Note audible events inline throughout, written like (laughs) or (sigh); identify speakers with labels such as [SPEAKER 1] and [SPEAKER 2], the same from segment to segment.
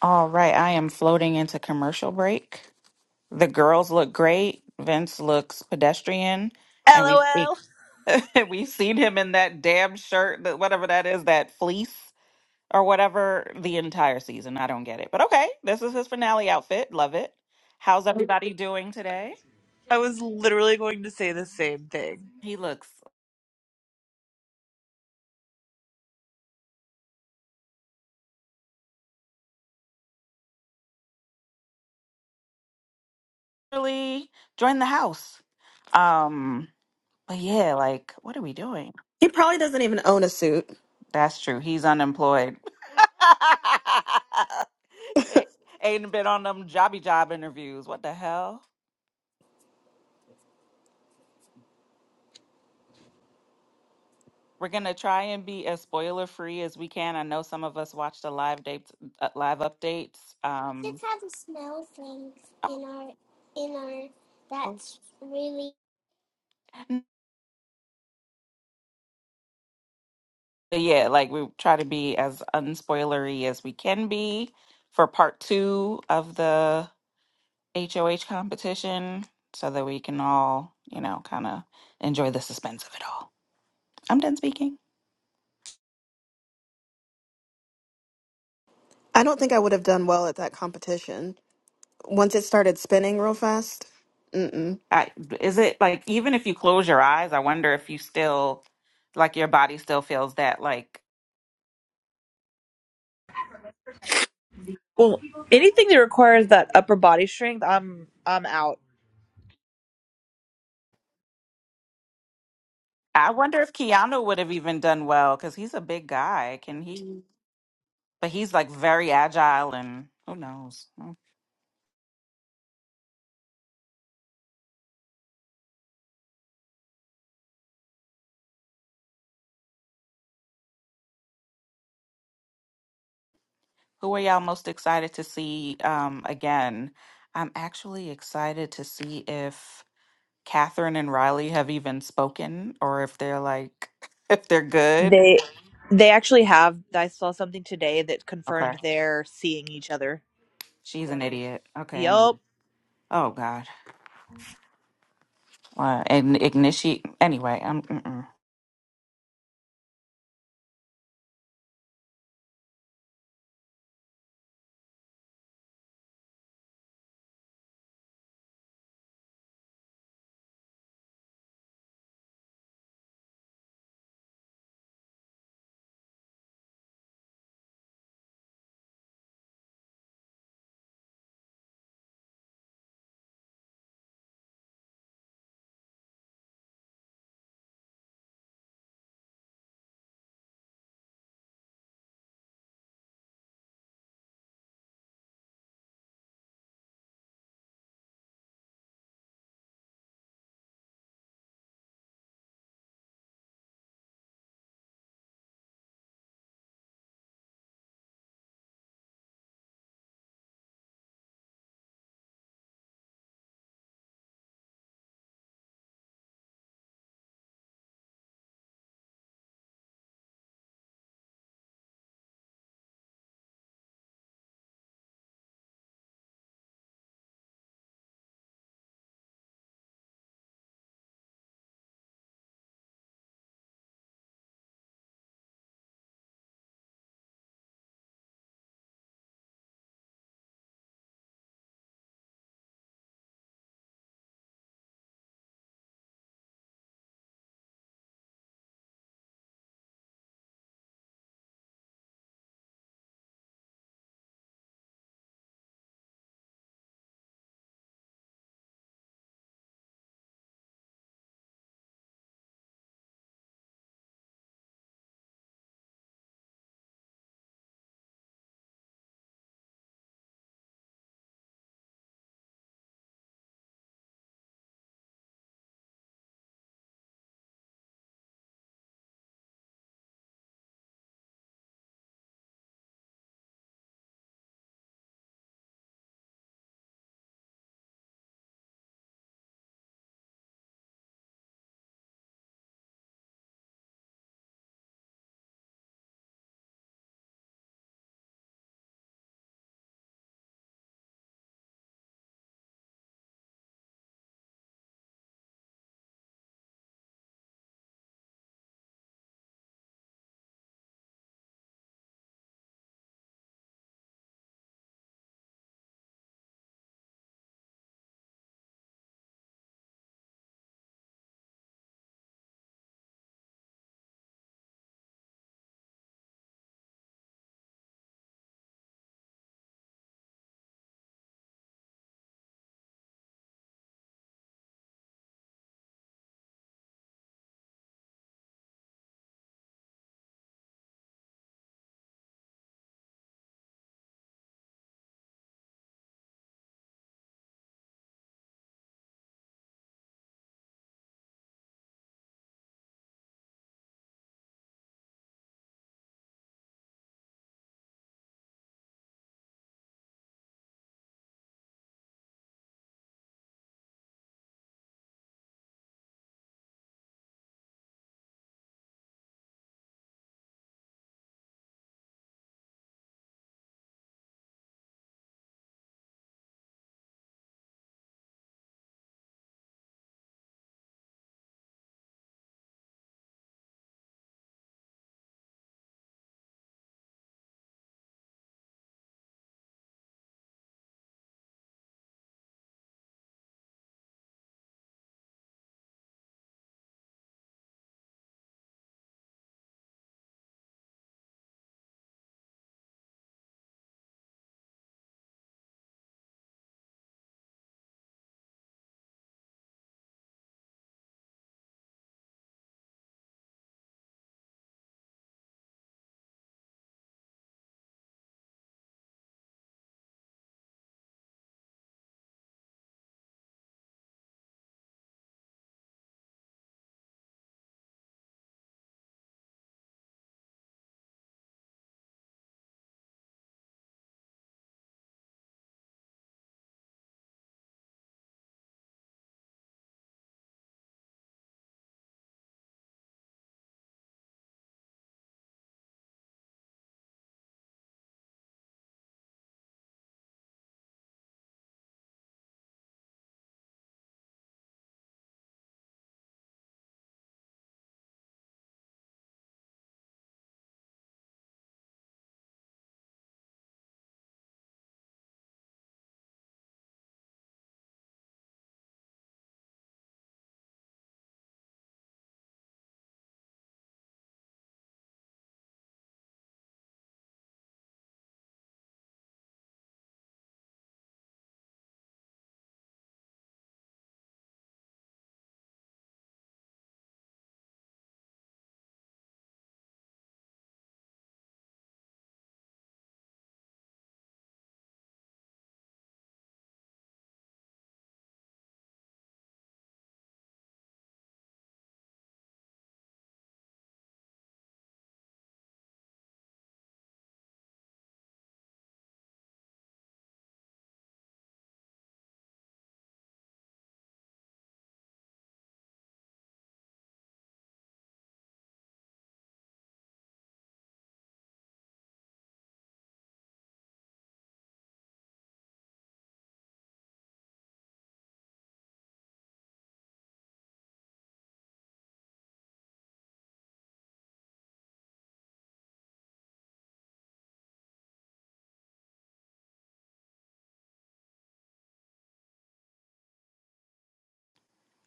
[SPEAKER 1] All right, I am floating into commercial break. The girls look great. Vince looks pedestrian, and we
[SPEAKER 2] LOL.
[SPEAKER 1] (laughs) we've seen him in that damn shirt, that whatever that is, that fleece or whatever, the entire season. I don't get it, but okay, this is his finale outfit. Love it. How's everybody doing today?
[SPEAKER 2] I was literally going to say the same thing.
[SPEAKER 1] He looks really join the house. Um, but yeah, like, what are we doing?
[SPEAKER 3] He probably doesn't even own a suit.
[SPEAKER 1] That's true. He's unemployed. (laughs) Ain't ain't been on them jobby job interviews. What the hell? We're gonna try and be as spoiler free as we can. I know some of us watched the live dates, uh, live updates. Um, oh, oh, n- but yeah, like we try to be as unspoilery as we can be for part two of the HOH competition, so that we can all, you know, kind of enjoy the suspense of it all. I'm done speaking.
[SPEAKER 3] I don't think I would have done well at that competition. Once it started spinning real fast. Mm-mm.
[SPEAKER 1] I, is it like even if you close your eyes, I wonder if you still like your body still feels that. Like
[SPEAKER 2] Well, anything that requires that upper body strength, I'm I'm out.
[SPEAKER 1] I wonder if Keanu would have even done well because he's a big guy. Can he? But he's like very agile and who knows. Well, Who are y'all most excited to see um, again? I'm actually excited to see if Catherine and Riley have even spoken or if they're like (laughs) if they're good.
[SPEAKER 2] They they actually have. I saw something today that confirmed
[SPEAKER 1] Okay.
[SPEAKER 2] they're seeing each other.
[SPEAKER 1] She's an idiot. Okay. Anyway.
[SPEAKER 2] Yup.
[SPEAKER 1] Oh gosh. uh, and initiate. Anyway, um, mm-mm.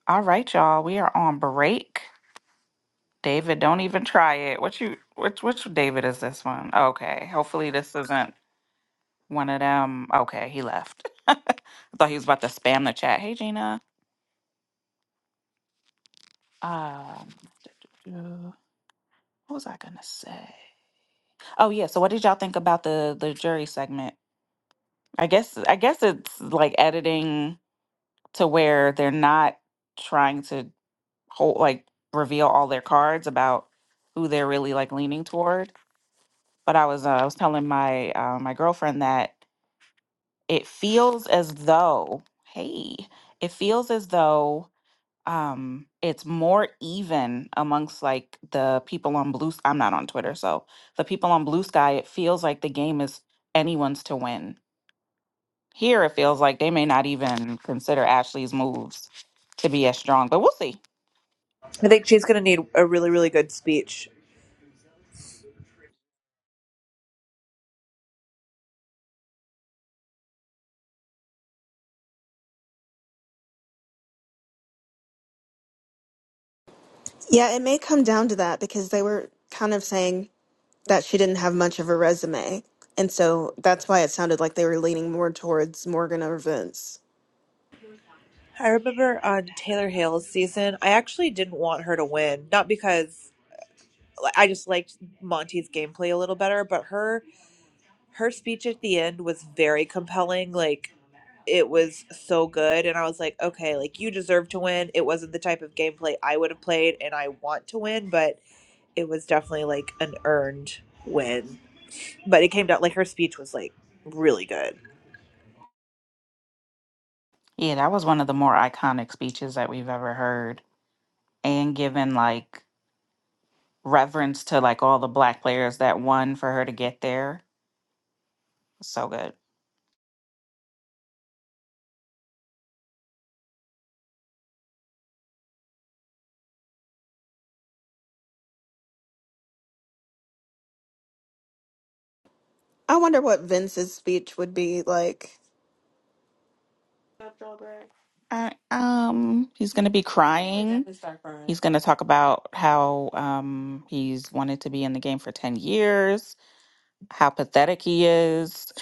[SPEAKER 1] all right, y'all. We are on break. David, don't even try it. What you? Which which David is this one? Okay. Hopefully this isn't one of them. Okay, he left. (laughs) I thought he was about to spam the chat. Hey, Gina. Um, uh, what was I gonna say? Oh yeah. So what did y'all think about the the jury segment? I guess I guess it's like editing to where they're not trying to whole like reveal all their cards about who they're really like leaning toward. But I was uh, I was telling my uh, my girlfriend that it feels as though hey, it feels as though um it's more even amongst like the people on blue s- i'm not on twitter so the people on blue sky it feels like the game is anyone's to win here it feels like they may not even consider ashley's moves to be as strong but we'll see
[SPEAKER 2] I think she's gonna need a really really good speech.
[SPEAKER 3] Yeah, it may come down to that because they were kind of saying that she didn't have much of a resume. And so that's why it sounded like they were leaning more towards Morgan or Vince.
[SPEAKER 2] I remember on Taylor Hale's season, I actually didn't want her to win, not because like, I just liked Monty's gameplay a little better, but her her speech at the end was very compelling. Like it was so good and I was like, okay, like you deserve to win. It wasn't the type of gameplay I would have played and I want to win, but it was definitely like an earned win. But it came down like her speech was like really good.
[SPEAKER 1] Yeah, that was one of the more iconic speeches that we've ever heard, and given like reverence to like all the black players that won for her to get there. So good.
[SPEAKER 3] I wonder what Vince's speech would be like.
[SPEAKER 1] Stop, Joel Bragg. Uh, um, he's gonna be We're crying. definitely start crying. He's gonna talk about how um he's wanted to be in the game for ten years, how pathetic he is.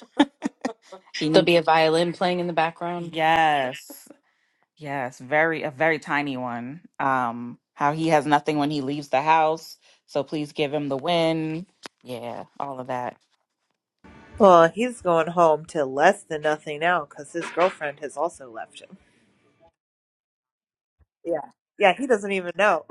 [SPEAKER 1] He
[SPEAKER 4] There'll be
[SPEAKER 1] needs
[SPEAKER 4] a violin playing in the background.
[SPEAKER 1] yes. Yes, very a very tiny one. Um, how he has nothing when he leaves the house, so please give him the win. Yeah, all of that.
[SPEAKER 2] Well, he's going home to less than nothing now cuz his girlfriend has also left him. Yeah. Yeah, he doesn't even know.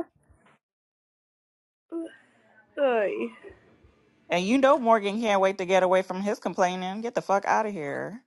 [SPEAKER 1] And you know Morgan can't wait to get away from his complaining. Get the fuck out of here.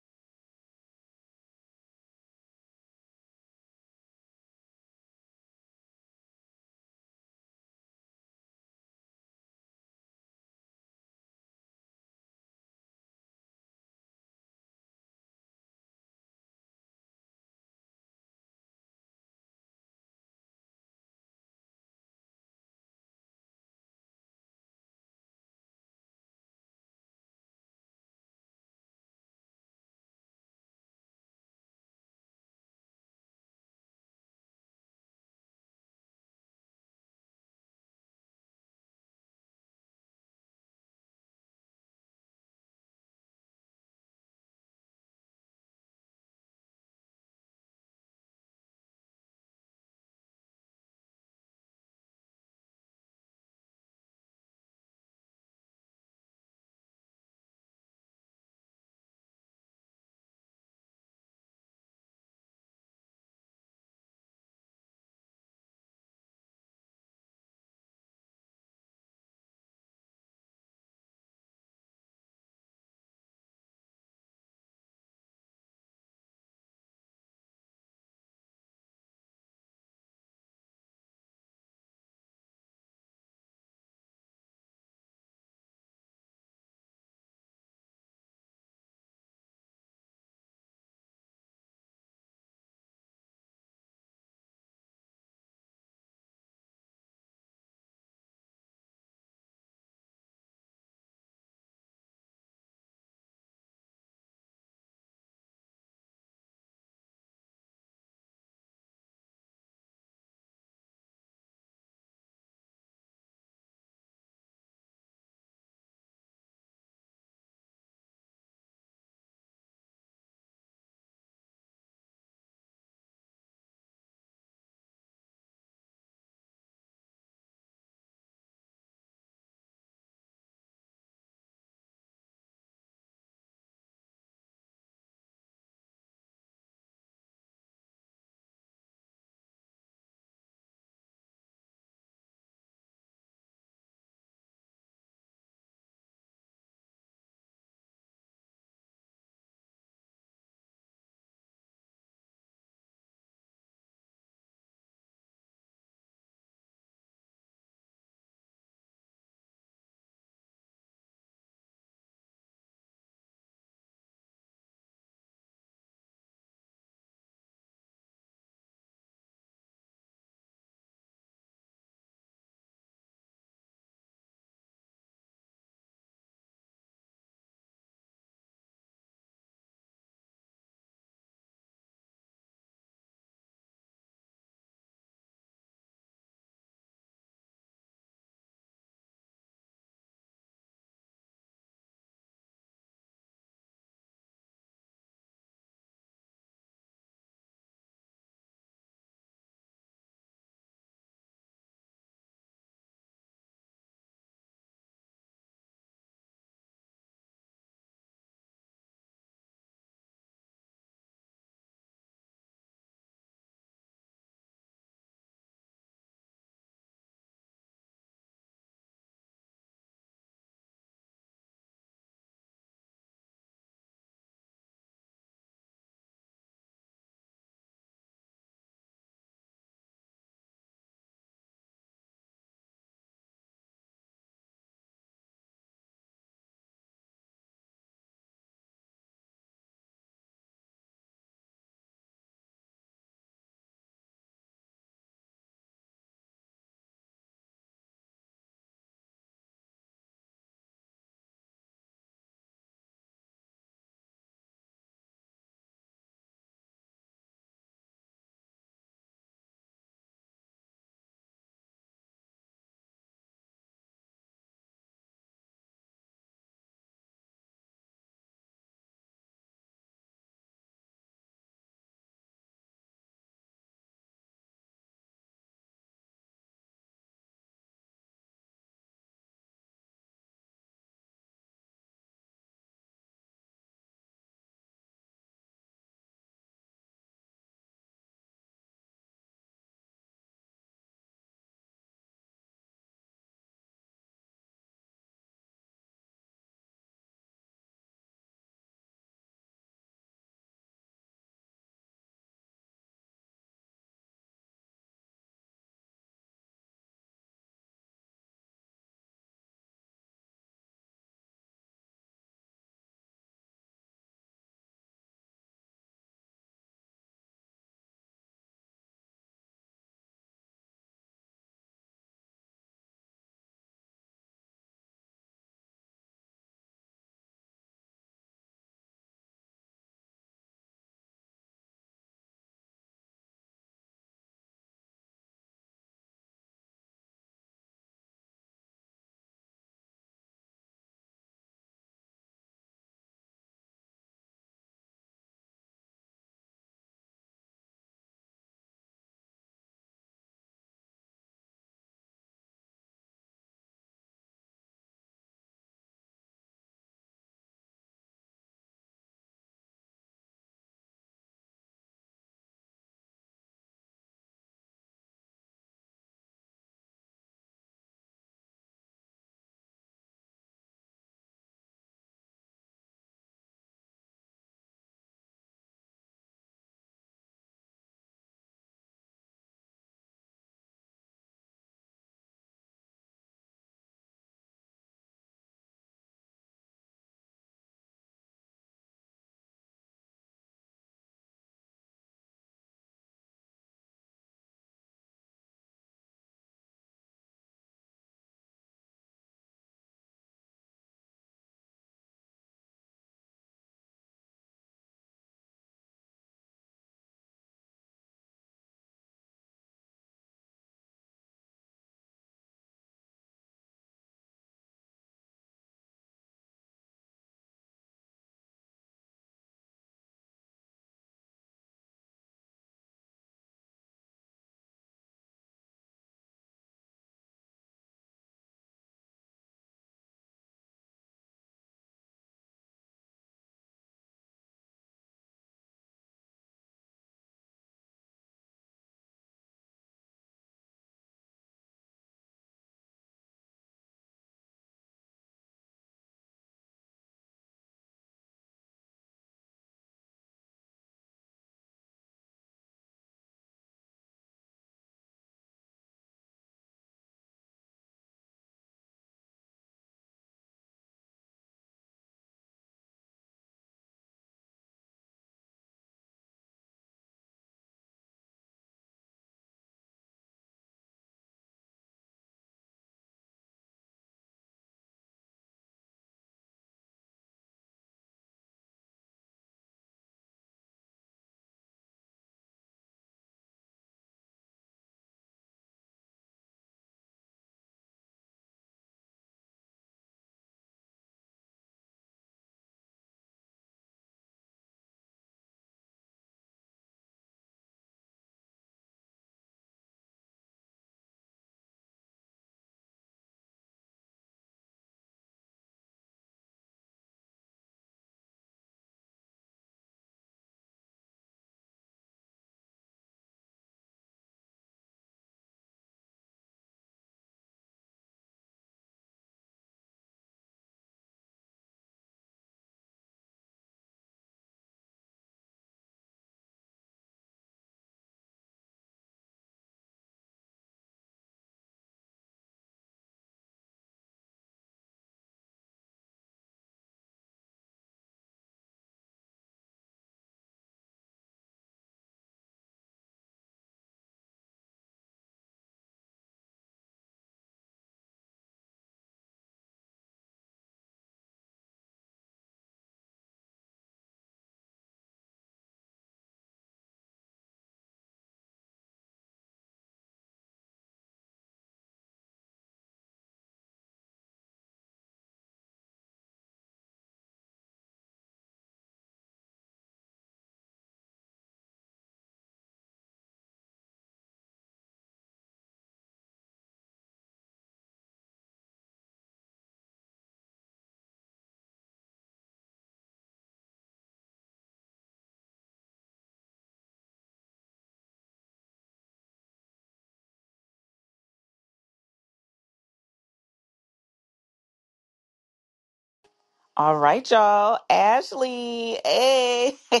[SPEAKER 1] All right, y'all. Ashley, hey, (laughs)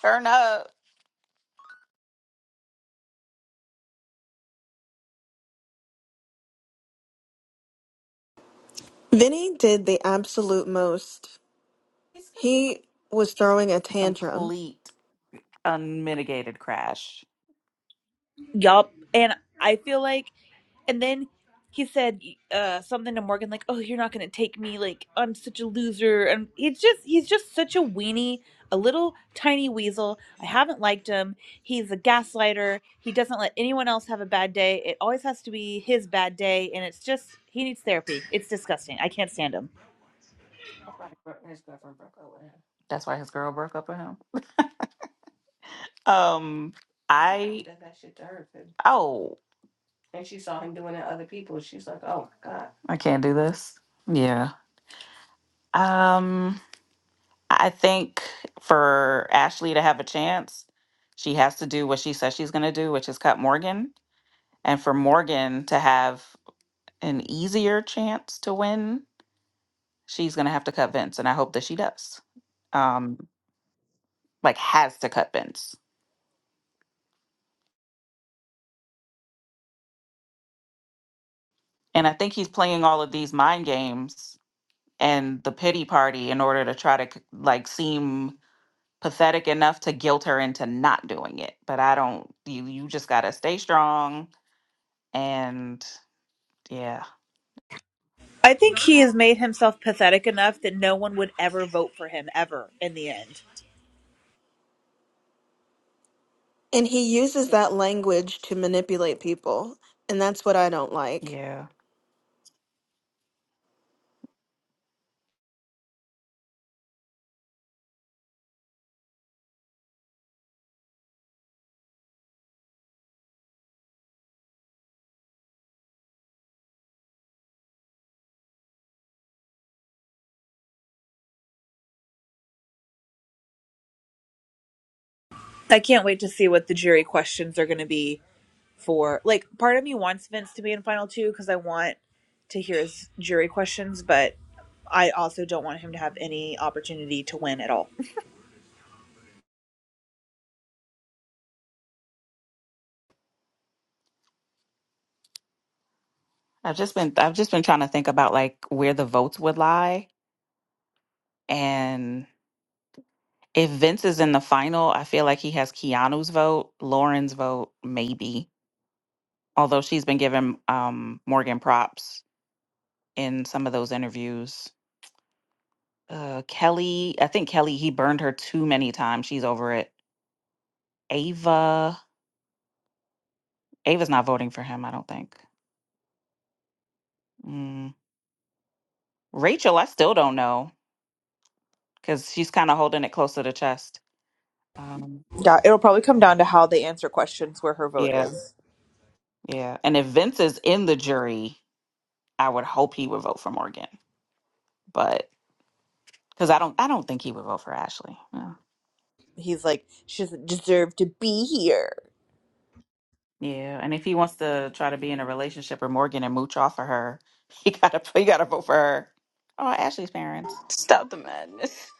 [SPEAKER 1] turn up.
[SPEAKER 3] Vinny did the absolute most.
[SPEAKER 1] He's a
[SPEAKER 3] He was throwing a tantrum,
[SPEAKER 1] complete unmitigated crash.
[SPEAKER 2] Yup. And I feel like And then he said uh, something to Morgan like, "Oh, you're not gonna take me. Like, I'm such a loser." And he's just he's just such a weenie, a little tiny weasel. I haven't liked him. He's a gaslighter. He doesn't let anyone else have a bad day. It always has to be his bad day, and it's just he needs therapy. It's disgusting. I can't stand him.
[SPEAKER 1] That's why bro- his girlfriend broke up with him. That's why his girl broke up with him. Um, I. Oh, And she saw him doing it to other people. She's like, oh my God. I can't do this. Yeah. Um, I think for Ashley to have a chance, she has to do what she says she's going to do, which is cut Morgan. And for Morgan to have an easier chance to win, she's going to have to cut Vince. And I hope that she does. Um, like, has to cut Vince. And I think he's playing all of these mind games and the pity party in order to try to, like, seem pathetic enough to guilt her into not doing it. But I don't you you just gotta stay strong and yeah.
[SPEAKER 2] I think he has made himself pathetic enough that no one would ever vote for him ever in the end.
[SPEAKER 3] and he uses that language to manipulate people, and that's what I don't like.
[SPEAKER 1] Yeah.
[SPEAKER 2] I can't wait to see what the jury questions are going to be for like part of me wants Vince to be in final two because I want to hear his jury questions, but I also don't want him to have any opportunity to win at all.
[SPEAKER 1] I've just been I've just been trying to think about like where the votes would lie. And if Vince is in the final, I feel like he has Keanu's vote, Lauren's vote, maybe. Although she's been giving um Morgan props in some of those interviews. Uh Kelly, I think Kelly, he burned her too many times. She's over it. Ava. Ava's not voting for him, I don't think. Mm. Rachel, I still don't know because she's kind of holding it close to the chest. Um,
[SPEAKER 2] Yeah, it'll probably come down to how they answer questions where her vote
[SPEAKER 1] yeah,
[SPEAKER 2] is.
[SPEAKER 1] yeah. And if Vince is in the jury, I would hope he would vote for Morgan, but because I don't, I don't think he would vote for Ashley. Yeah.
[SPEAKER 2] He's like, she doesn't deserve to be here.
[SPEAKER 1] yeah, and if he wants to try to be in a relationship with Morgan and mooch off of her, (laughs) he gotta, he gotta vote for her. Oh, Ashley's parents.
[SPEAKER 4] Stop the madness.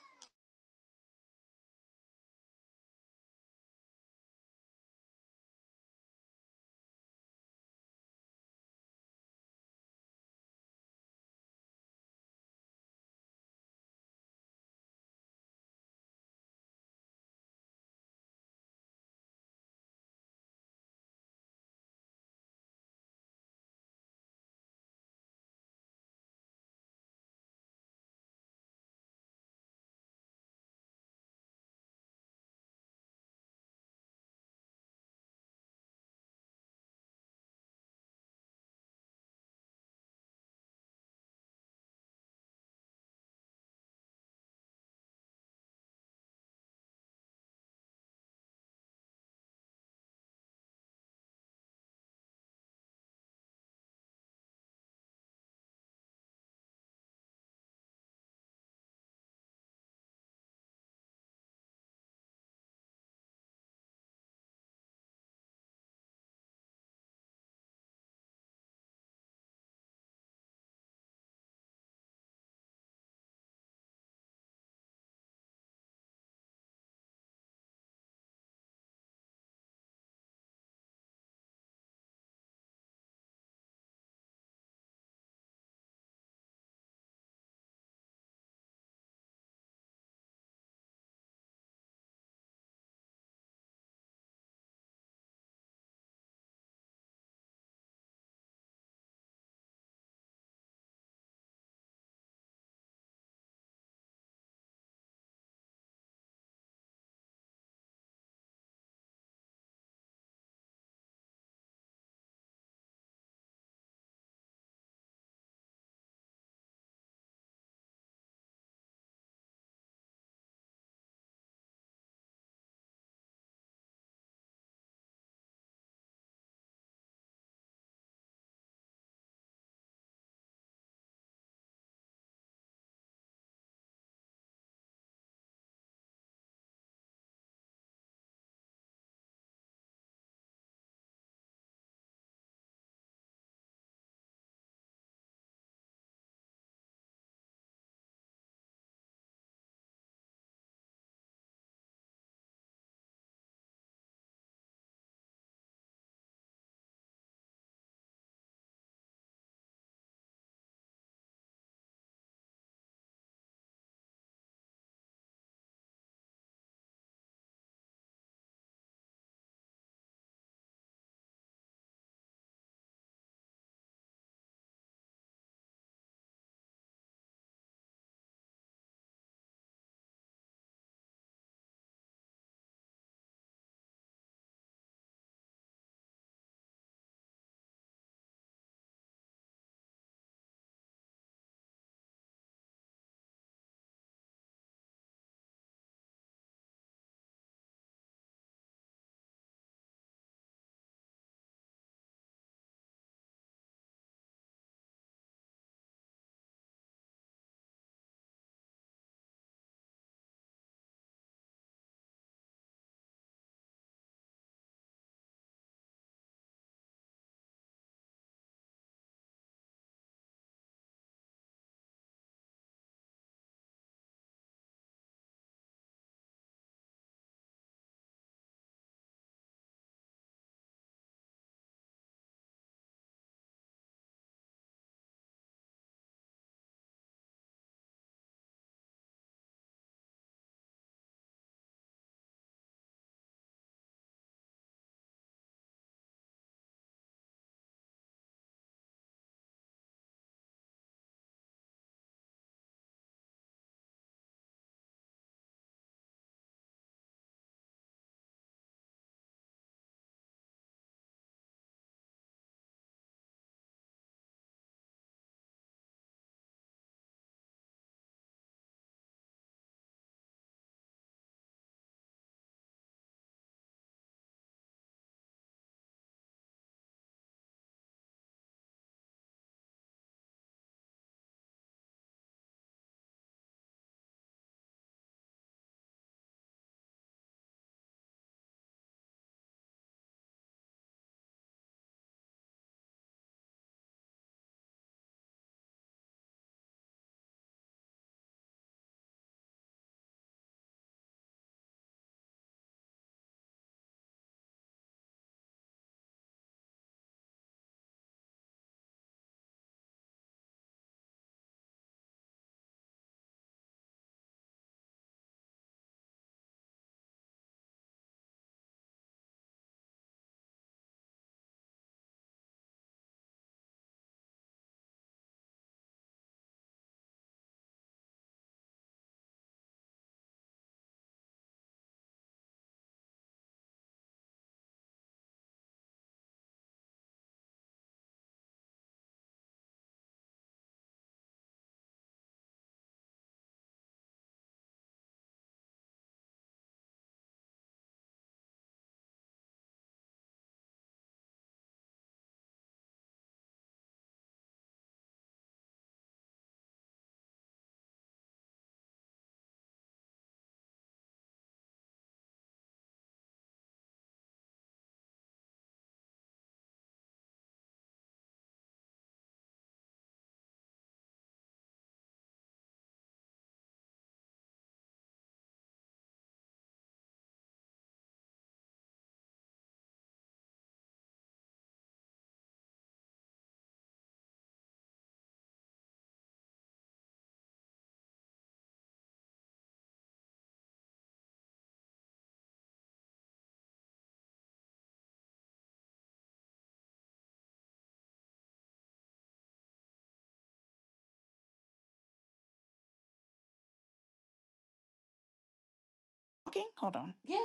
[SPEAKER 1] Okay, hold on. Yeah.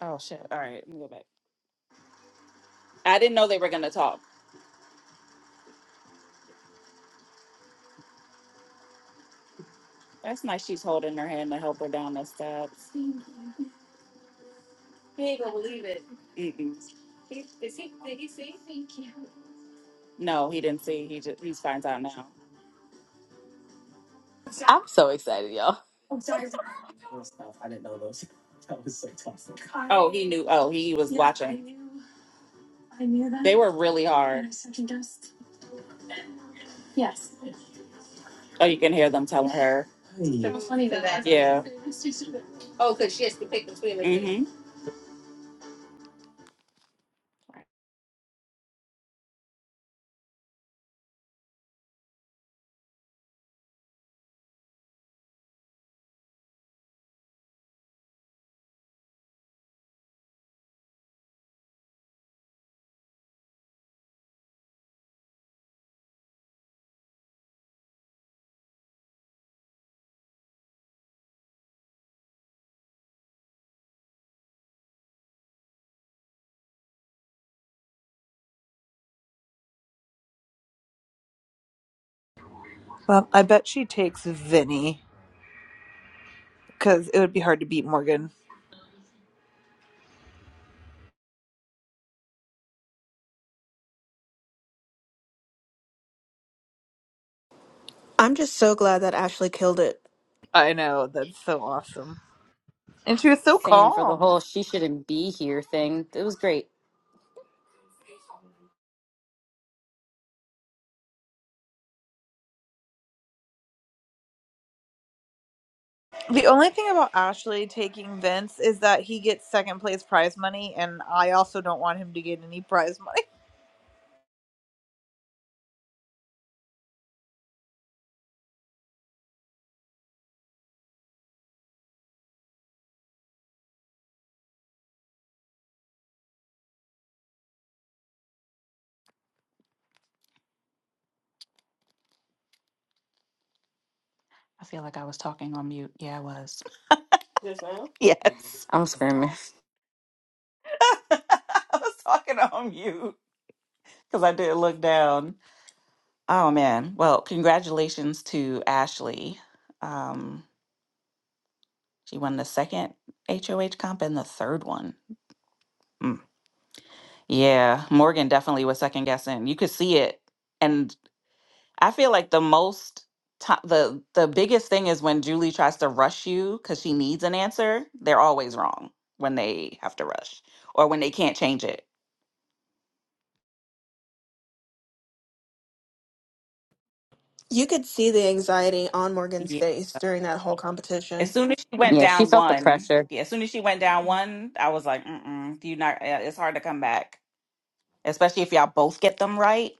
[SPEAKER 1] Oh shit. All right, let me go back. I didn't know they were gonna talk. That's nice. She's holding her hand to help her down the steps. No, he didn't see. He just he finds out now. Oh, he knew. Oh, he was watching. They were really hard. Oh, you can hear them telling her. Yeah. Mm-hmm. I
[SPEAKER 2] Well, I bet she takes Vinny because it would be hard to beat Morgan.
[SPEAKER 3] I'm just so glad that Ashley killed it.
[SPEAKER 2] I know that's so awesome, and she was so
[SPEAKER 4] Same for the
[SPEAKER 2] calm.
[SPEAKER 4] whole she shouldn't be here thing. It was great.
[SPEAKER 2] The only thing about Ashley taking Vince is that he gets second place prize money, and I also don't want him to get any prize money.
[SPEAKER 1] feel like I was talking on mute. Yeah, I was. Just now? Yes.
[SPEAKER 4] I'm screaming.
[SPEAKER 1] (laughs) I was talking on mute because I didn't look down. Oh man. Well, congratulations to Ashley. Um, she won the second HOH comp and the third one. Mm. Yeah, Morgan definitely was second guessing. You could see it. And I feel like the most ti the the biggest thing is when Julie tries to rush you cuz she needs an answer, they're always wrong when they have to rush or when they can't change it.
[SPEAKER 3] You could see the anxiety on Morgan's
[SPEAKER 1] Yeah.
[SPEAKER 3] face during that whole
[SPEAKER 1] As
[SPEAKER 3] competition.
[SPEAKER 1] soon as she went
[SPEAKER 4] Yeah, she
[SPEAKER 1] down
[SPEAKER 4] felt the
[SPEAKER 1] one,
[SPEAKER 4] pressure.
[SPEAKER 1] yeah, as soon as she went down one, I was like, "Mm-mm, you not uh, it's hard to come back, especially if y'all both get them right."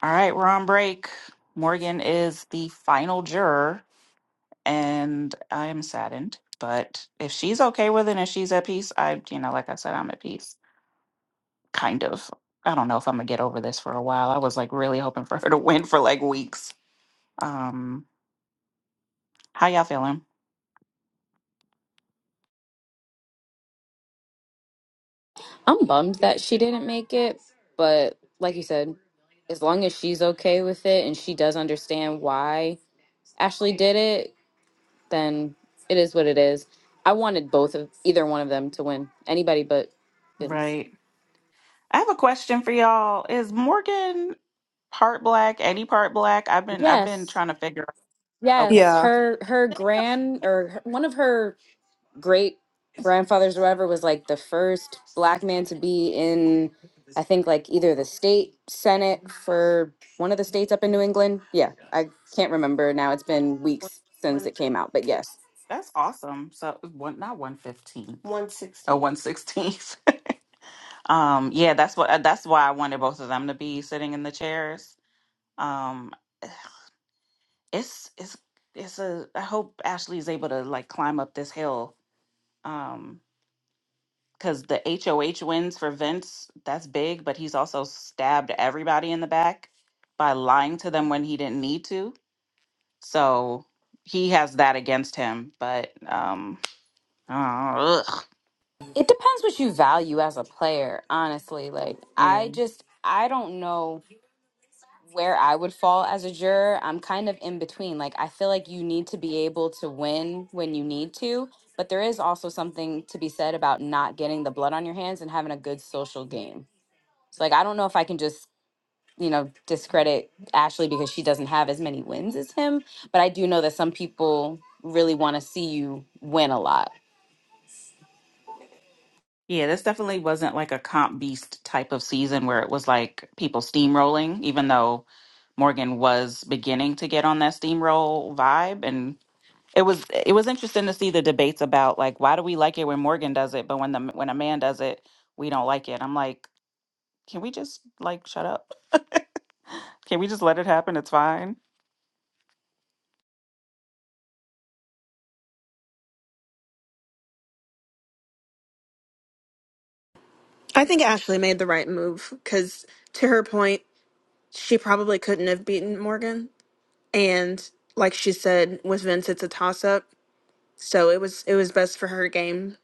[SPEAKER 1] All right, we're on break. Morgan is the final juror, and I am saddened. But if she's okay with it and she's at peace, I, you know, like I said, I'm at peace. Kind of. I don't know if I'm gonna get over this for a while. I was like really hoping for (laughs) her to win for like weeks. Um, how y'all feeling?
[SPEAKER 4] I'm bummed that she didn't make it, but like you said, as long as she's okay with it and she does understand why Ashley did it, then it is what it is. I wanted both of either one of them to win. Anybody but Vince.
[SPEAKER 1] Right. I have a question for y'all. Is Morgan part black, Eddie part black? I've been I've been
[SPEAKER 4] Yes.
[SPEAKER 1] trying to figure out. Okay.
[SPEAKER 4] Yes,
[SPEAKER 2] Yeah.
[SPEAKER 4] her her grand or her, one of her great grandfathers or whatever was like the first black man to be in I think like either the state senate for one of the states up in New England. Yeah, I can't remember now. It's been
[SPEAKER 1] One
[SPEAKER 4] weeks since
[SPEAKER 1] one-
[SPEAKER 4] it came out, but yes.
[SPEAKER 1] That's awesome. So one not one fifteenth. one Oh, sixteenth. one sixteenth. (laughs) um, yeah, that's what uh, that's why I wanted both of them to be sitting in the chairs. Um, it's it's it's a I hope Ashley's able to like climb up this hill. Um, because the HOH wins for Vince, that's big, but he's also stabbed everybody in the back by lying to them when he didn't need to. So he has that against him. But um, uh, ugh.
[SPEAKER 4] It depends what you value as a player, honestly. Like
[SPEAKER 1] yeah,
[SPEAKER 4] I just I don't know where I would fall as a juror, I'm kind of in between. Like, I feel like you need to be able to win when you need to, but there is also something to be said about not getting the blood on your hands and having a good social game. So, like, I don't know if I can just, you know, discredit Ashley because she doesn't have as many wins as him, but I do know that some people really want to see you win a lot.
[SPEAKER 1] yeah, this definitely wasn't like a comp beast type of season where it was like people steamrolling, even though Morgan was beginning to get on that steamroll vibe, and. It was it was interesting to see the debates about like why do we like it when Morgan does it, but when the when a man does it, we don't like it. I'm like, can we just like shut up? (laughs) Can we just let it happen? It's fine.
[SPEAKER 3] I think Ashley made the right move because, to her point, she probably couldn't have beaten Morgan. And like she said, with Vince, it's a toss up. So it was it was best for her game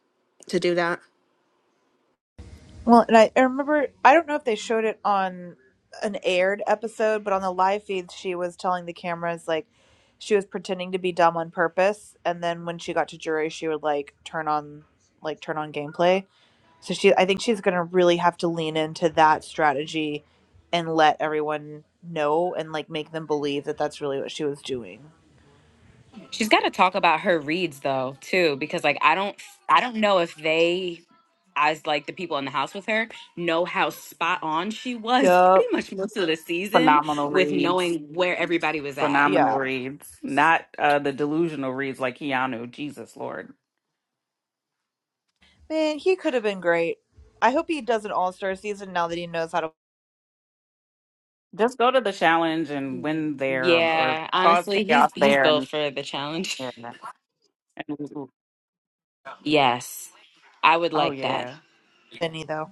[SPEAKER 3] to do that.
[SPEAKER 2] Well, and I, I remember, I don't know if they showed it on an aired episode, but on the live feed, she was telling the cameras, like, she was pretending to be dumb on purpose. And then when she got to jury, she would, like, turn on, like, turn on gameplay. So she, I think she's going to really have to lean into that strategy and let everyone know and, like, make them believe that that's really what she was doing.
[SPEAKER 4] She's got to talk about her reads though too, because like I don't, I don't know if they, as like the people in the house with her, know how spot on she was (laughs) pretty
[SPEAKER 2] Yup.
[SPEAKER 4] much most of the season
[SPEAKER 1] Phenomenal
[SPEAKER 4] with
[SPEAKER 1] reads.
[SPEAKER 4] knowing where everybody was at.
[SPEAKER 1] phenomenal
[SPEAKER 2] Yeah.
[SPEAKER 1] reads, not uh, the delusional reads like Keanu. Jesus Lord,
[SPEAKER 2] Man, he could have been great. I hope he does an all star season now that he knows how to
[SPEAKER 1] just go to the challenge and
[SPEAKER 4] Mm.
[SPEAKER 1] win there or or
[SPEAKER 4] Yeah,
[SPEAKER 1] cause
[SPEAKER 4] honestly, he's
[SPEAKER 1] chaos
[SPEAKER 4] he's
[SPEAKER 1] there.
[SPEAKER 4] built
[SPEAKER 1] And,
[SPEAKER 4] for the challenge. (laughs)
[SPEAKER 1] and
[SPEAKER 4] Yes, I would
[SPEAKER 1] oh
[SPEAKER 4] like that.
[SPEAKER 1] yeah,
[SPEAKER 2] win, though.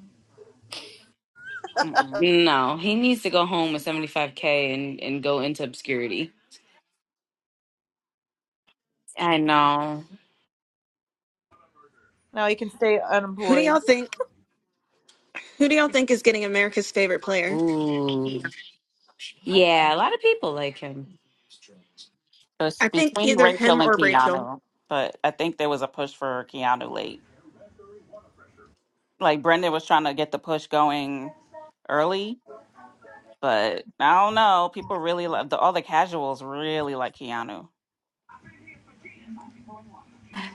[SPEAKER 1] Mm-mm.
[SPEAKER 4] No, he needs to go home with seventy five k and and go into obscurity. I know.
[SPEAKER 2] No, you can stay
[SPEAKER 3] Who do y'all
[SPEAKER 2] unemployed.
[SPEAKER 3] think? Who do y'all think is getting America's favorite player?
[SPEAKER 4] Ooh, yeah, a lot of people like him.
[SPEAKER 1] So it's
[SPEAKER 3] I think
[SPEAKER 1] between
[SPEAKER 3] either him
[SPEAKER 1] Rachel and
[SPEAKER 3] or Rachel.
[SPEAKER 1] Keanu. But I think there was a push for Keanu late. Like Brendan was trying to get the push going early, but I don't know. People really love the all the casuals really like Keanu.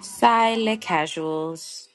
[SPEAKER 4] Sile casuals.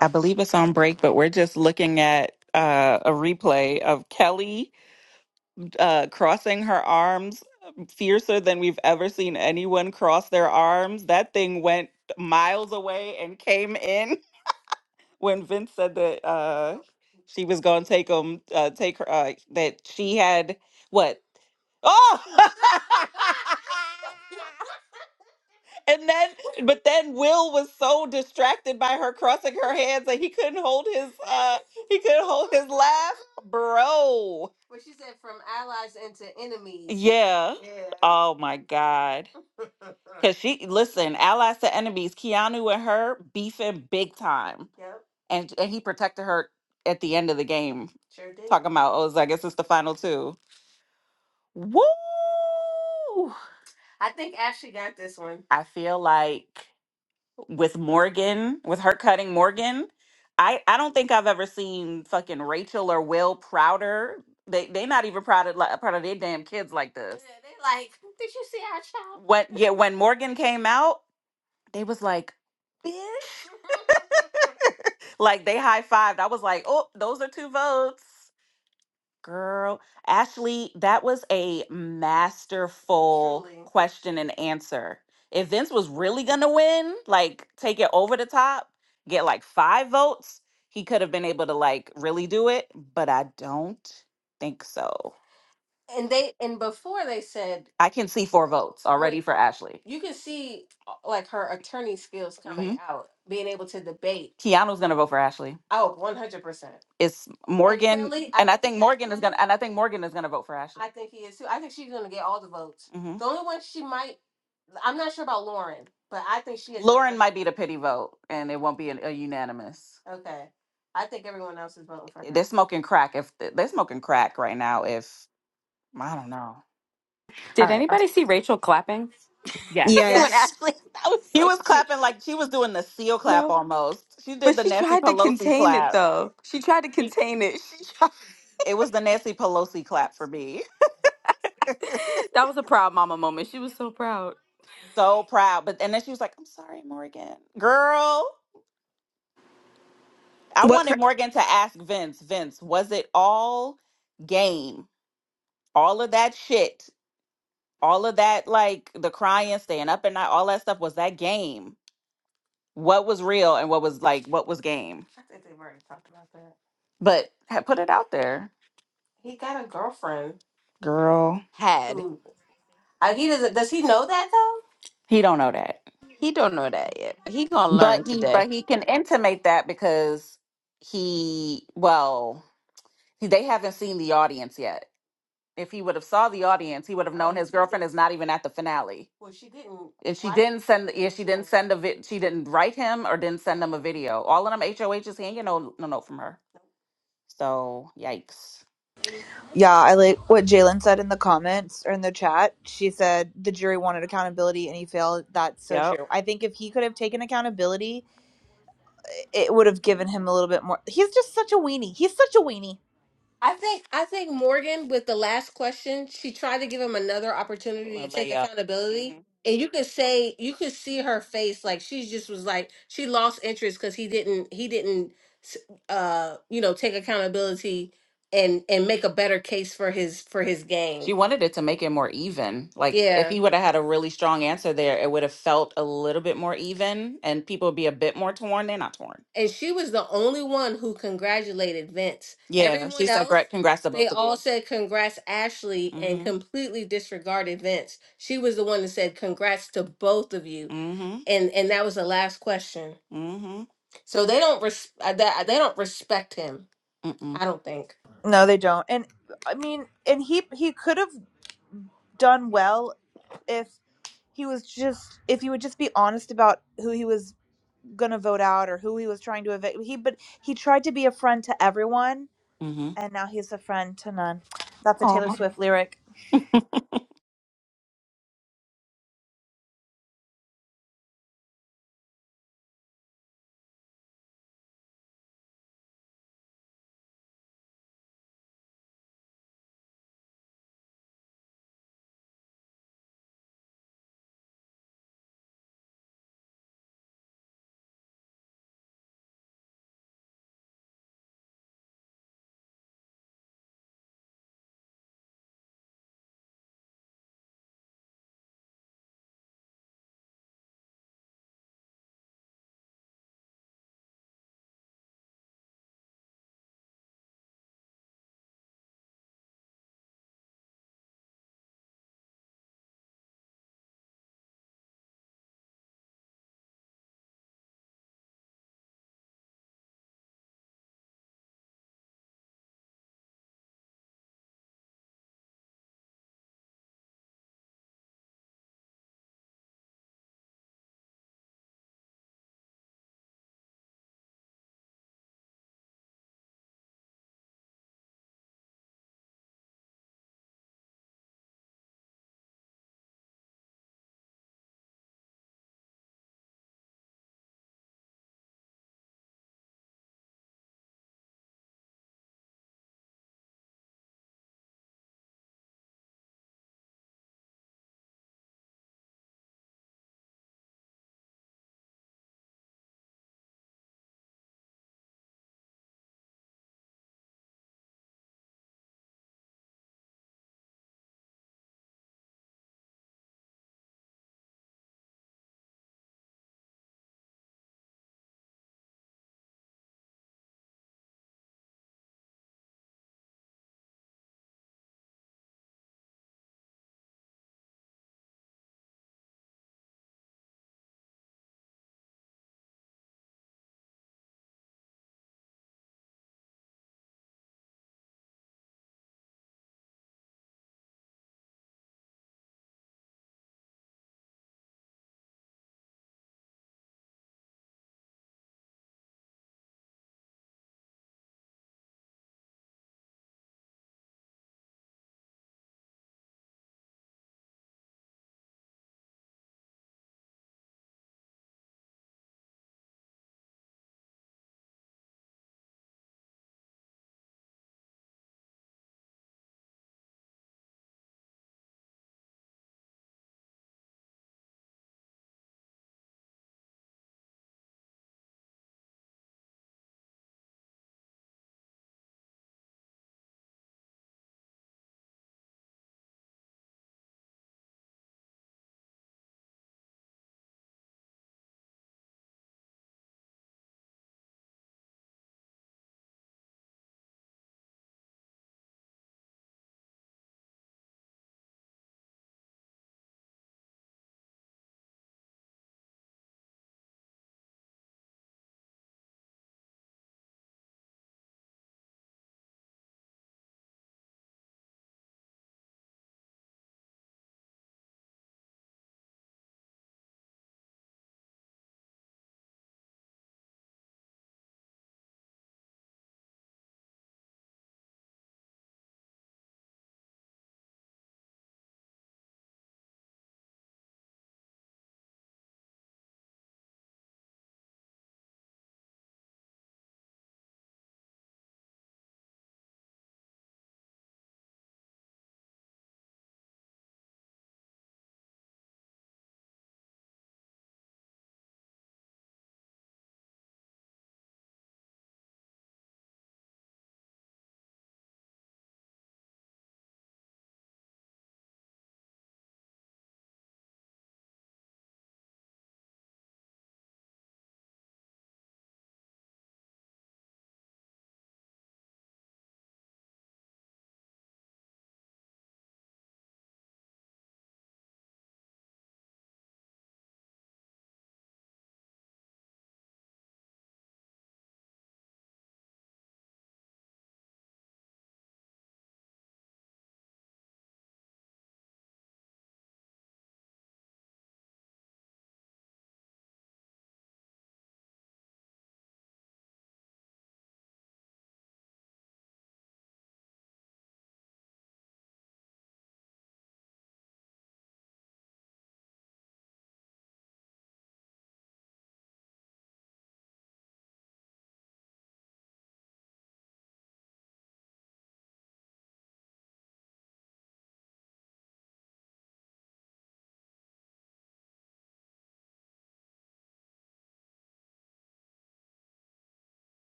[SPEAKER 1] I believe it's on break, but we're just looking at uh, a replay of Kelly uh, crossing her arms fiercer than we've ever seen anyone cross their arms. That thing went miles away and came in (laughs) when Vince said that uh, she was going to take him, uh, take her, uh, that she had what? Oh! (laughs) And then, but then Will was so distracted by her crossing her hands that he couldn't hold his uh he couldn't hold his laugh, bro. But she said, "From allies into enemies." Yeah. Yeah. Oh my god. (laughs) Cause she listen, allies to enemies, Keanu and her beefing big time, Yep. and and he protected her at the end of the game. Sure did. Talking about oh, so I guess it's the final two. Woo! I think Ashley got this one. I feel like with Morgan, with her cutting Morgan. I I don't think I've ever seen fucking Rachel or Will prouder. They they not even proud of like proud of their damn kids like this. Yeah, they like, did you see our child? When yeah, when Morgan came out, they was like, bitch. (laughs) like they high fived. I was like, oh, those are two votes. Girl, Ashley, that was a masterful Truly. question and answer. If Vince was really going to win, like take it over the top, get like five votes, he could have been able to like really do it, but I don't think so and they and before they said I can see four votes we already like for Ashley. you can see uh, like her attorney skills coming hmm out, being able to debate. Keanu's gonna vote for Ashley. Oh, 100%. It's And Morgan, really, I and I think think Morgan is gonna, and I think Morgan is gonna vote for Ashley. I think he is too. I think she's going to get all the votes. hmm The only one she might, I'm not sure about Lauren, but I think she is going to Lauren get. might get. be the pity vote, and it won't be an, a unanimous. Okay. I think everyone else is voting for They're her. smoking crack. If they're smoking crack right now, If I don't know. All
[SPEAKER 4] Did
[SPEAKER 1] right. I'm-
[SPEAKER 4] anybody see Rachel clapping? (laughs)
[SPEAKER 1] yes. Yeah.
[SPEAKER 4] When
[SPEAKER 3] Yes.
[SPEAKER 4] Ashley, that was
[SPEAKER 1] She
[SPEAKER 4] so
[SPEAKER 1] was
[SPEAKER 4] cute.
[SPEAKER 1] clapping like she was doing the seal clap
[SPEAKER 4] No,
[SPEAKER 1] almost. She
[SPEAKER 4] but
[SPEAKER 1] did the
[SPEAKER 4] she
[SPEAKER 1] Nancy
[SPEAKER 4] tried to
[SPEAKER 1] Pelosi
[SPEAKER 4] contain it
[SPEAKER 1] clap.
[SPEAKER 4] though. She tried to
[SPEAKER 1] She,
[SPEAKER 4] contain it. She tried. (laughs)
[SPEAKER 1] it was the Nancy Pelosi clap for me. (laughs)
[SPEAKER 4] That was a proud mama moment. She was so proud.
[SPEAKER 1] so proud. But and then she was like, I'm sorry, Morgan. Girl, I
[SPEAKER 3] What
[SPEAKER 1] wanted
[SPEAKER 3] cra-
[SPEAKER 1] Morgan to ask Vince, Vince, was it all game? All of that shit. All of that, like the crying, staying up at night, all that stuff, was that game? What was real and what was like what was game? I think they've already talked about that. But ha- put it out there, He got a girlfriend girl.
[SPEAKER 4] Had
[SPEAKER 1] who I, he doesn't. Does he know that though? He don't know that,
[SPEAKER 4] he don't know that yet. He gonna learn
[SPEAKER 1] but he
[SPEAKER 4] today.
[SPEAKER 1] but he can intimate that because he well he- they haven't seen the audience yet. if he would have saw the audience, he would have known his girlfriend is not even at the finale. Well, she didn't. And she didn't send. Yeah, she didn't send a vid. She didn't write him or didn't send him a video. All of them HOH is he ain't get no no note from her. So yikes.
[SPEAKER 2] Yeah, I like what Jalen said in the comments or in the chat. She said the jury wanted accountability and he failed. That's so
[SPEAKER 1] Yep.
[SPEAKER 2] true. I think if he could have taken accountability, it would have given him a little bit more. He's just such a weenie. He's such a weenie.
[SPEAKER 1] I think I think Morgan with the last question, she tried to give him another opportunity A to Well, take layup. accountability. hmm And you could say you could see her face like she just was like she lost interest because he didn't he didn't s- uh you know take accountability and and make a better case for his for his game. She wanted it to make it more even. Like if Yeah. he would have had a really strong answer there, it would have felt a little bit more even and people would be a bit more torn. They're not torn. And she was the only one who congratulated Vince. Yeah, Everyone she said else, great. Congrats to they both of all you. said congrats, Ashley, and Mhm. completely disregarded Vince. She was the one that said congrats to both of you, Mhm. and and that was the last question. Mhm. So they don't res- uh, that they don't respect him. Mm-mm. I don't think.
[SPEAKER 2] No, they don't. And I mean, and he he could have done well if he was just if he would just be honest about who he was gonna vote out or who he was trying to evict. He but he tried to be a friend to everyone
[SPEAKER 1] Mhm.
[SPEAKER 2] And now he's a friend to none. That's a Taylor Swift lyric.